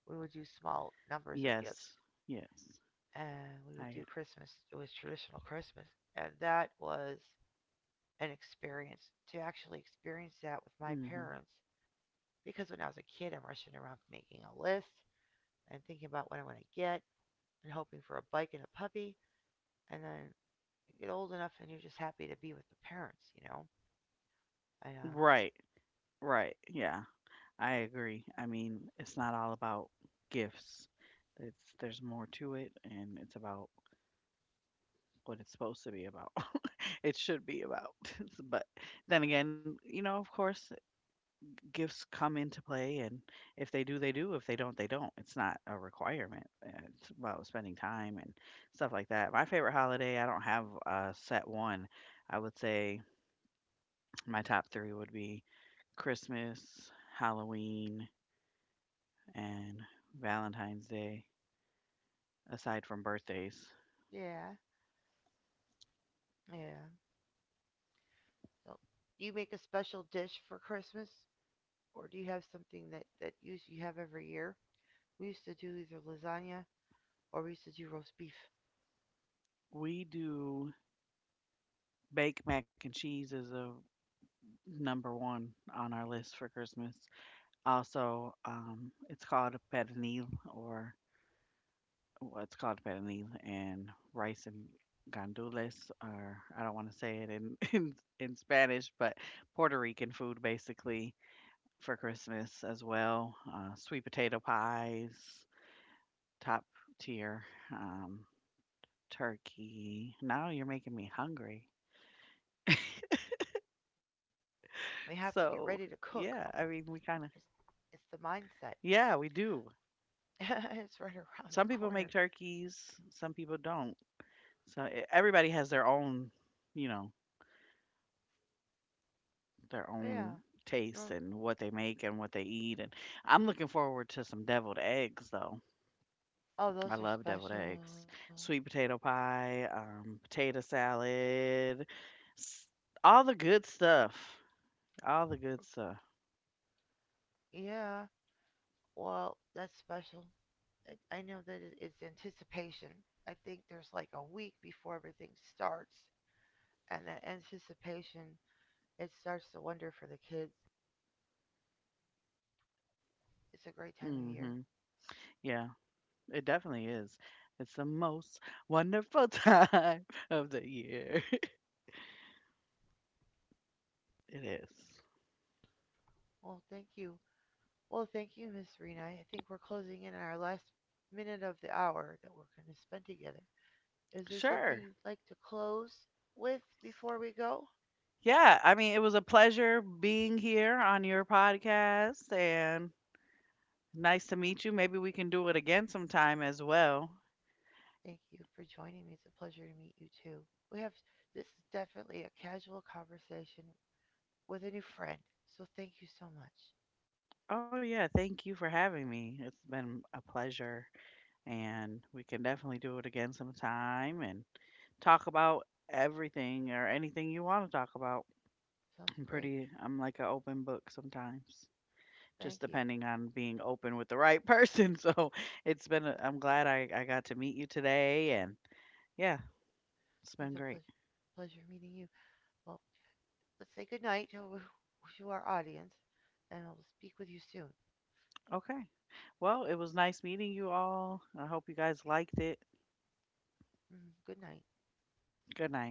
S1: We would do small numbers of
S2: Yes.
S1: gifts
S2: Yes.
S1: and we
S2: I.
S1: would do Christmas. It was traditional Christmas. And that was an experience to actually experience that with
S2: Mhm.
S1: my parents because when I was a kid, I'm rushing around making a list and thinking about what I want to get and hoping for a bike and a puppy. And then you get old enough and you're just happy to be with the parents, you know? And, uh,
S2: Right. Right. Yeah. I agree. I mean, it's not all about gifts. It's there's more to it and it's about what it's supposed to be about. It should be about. But then again, you know, of course, gifts come into play and if they do they do if they don't they don't it's not a requirement. Uh, it's about spending time and stuff like that. My favorite holiday, I don't have a set one. I would say my top three would be Christmas, Halloween, and Valentine's Day, aside from birthdays.
S1: yeah, yeah. So, do you make a special dish for Christmas, or do you have something that that you usually have every year? We used to do either lasagna or we used to do roast beef.
S2: We do baked mac and cheese is a number one on our list for Christmas. Also, um, it's called a pernil or what's called pernil and rice and gandules, or I don't want to say it in, in in Spanish, but Puerto Rican food basically for Christmas as well. Uh, sweet potato pies, top tier, um, turkey. Now you're making me hungry.
S1: We
S2: So
S1: have to get ready to
S2: yeah, I mean
S1: cook.
S2: we kind of
S1: It's, it's the mindset.
S2: yeah we do.
S1: It's right
S2: Some
S1: around
S2: people
S1: the
S2: make
S1: corner.
S2: turkeys, some people don't. So e- everybody has their own, you know, their
S1: Oh
S2: own
S1: yeah.
S2: taste and what they make and what they eat, and I'm looking forward to some deviled eggs, though.
S1: Oh,
S2: I
S1: those are
S2: love deviled
S1: special.
S2: eggs, sweet potato pie, um, potato salad, s-, all the good stuff. All the good stuff.
S1: Yeah. Well, that's special. I, I know that it's anticipation. I think there's like a week before everything starts, and that anticipation it starts to wonder for the kids. It's a great
S2: Hmm.
S1: time of year.
S2: Yeah, it definitely is. It's the most wonderful time of the year. It is.
S1: Well, thank you. Well, thank you, Miss Rena. I think we're closing in on our last minute of the hour that we're going to spend together. Is there something
S2: Sure.
S1: you'd like to close with before we go?
S2: Yeah, I mean, it was a pleasure being here on your podcast, and nice to meet you. Maybe we can do it again sometime as well.
S1: Thank you for joining me. It's a pleasure to meet you too. We have this is definitely a casual conversation with a new friend. So thank you so much.
S2: Oh, yeah. Thank you for having me. It's been a pleasure. And we can definitely do it again sometime and talk about everything or anything you want to talk about.
S1: Sounds
S2: I'm
S1: great.
S2: pretty, I'm like an open book sometimes,
S1: Thank
S2: just
S1: you.
S2: depending on being open with the right person. So it's been, a, I'm glad I, I got to meet you today. And yeah, it's
S1: It's
S2: been
S1: a
S2: great.
S1: pleasure pleasure meeting you. Well, let's say good night to, our audience and I'll speak with you soon.
S2: Okay. Well, it was nice meeting you all. I hope you guys liked it.
S1: Mm, good night.
S2: Good night.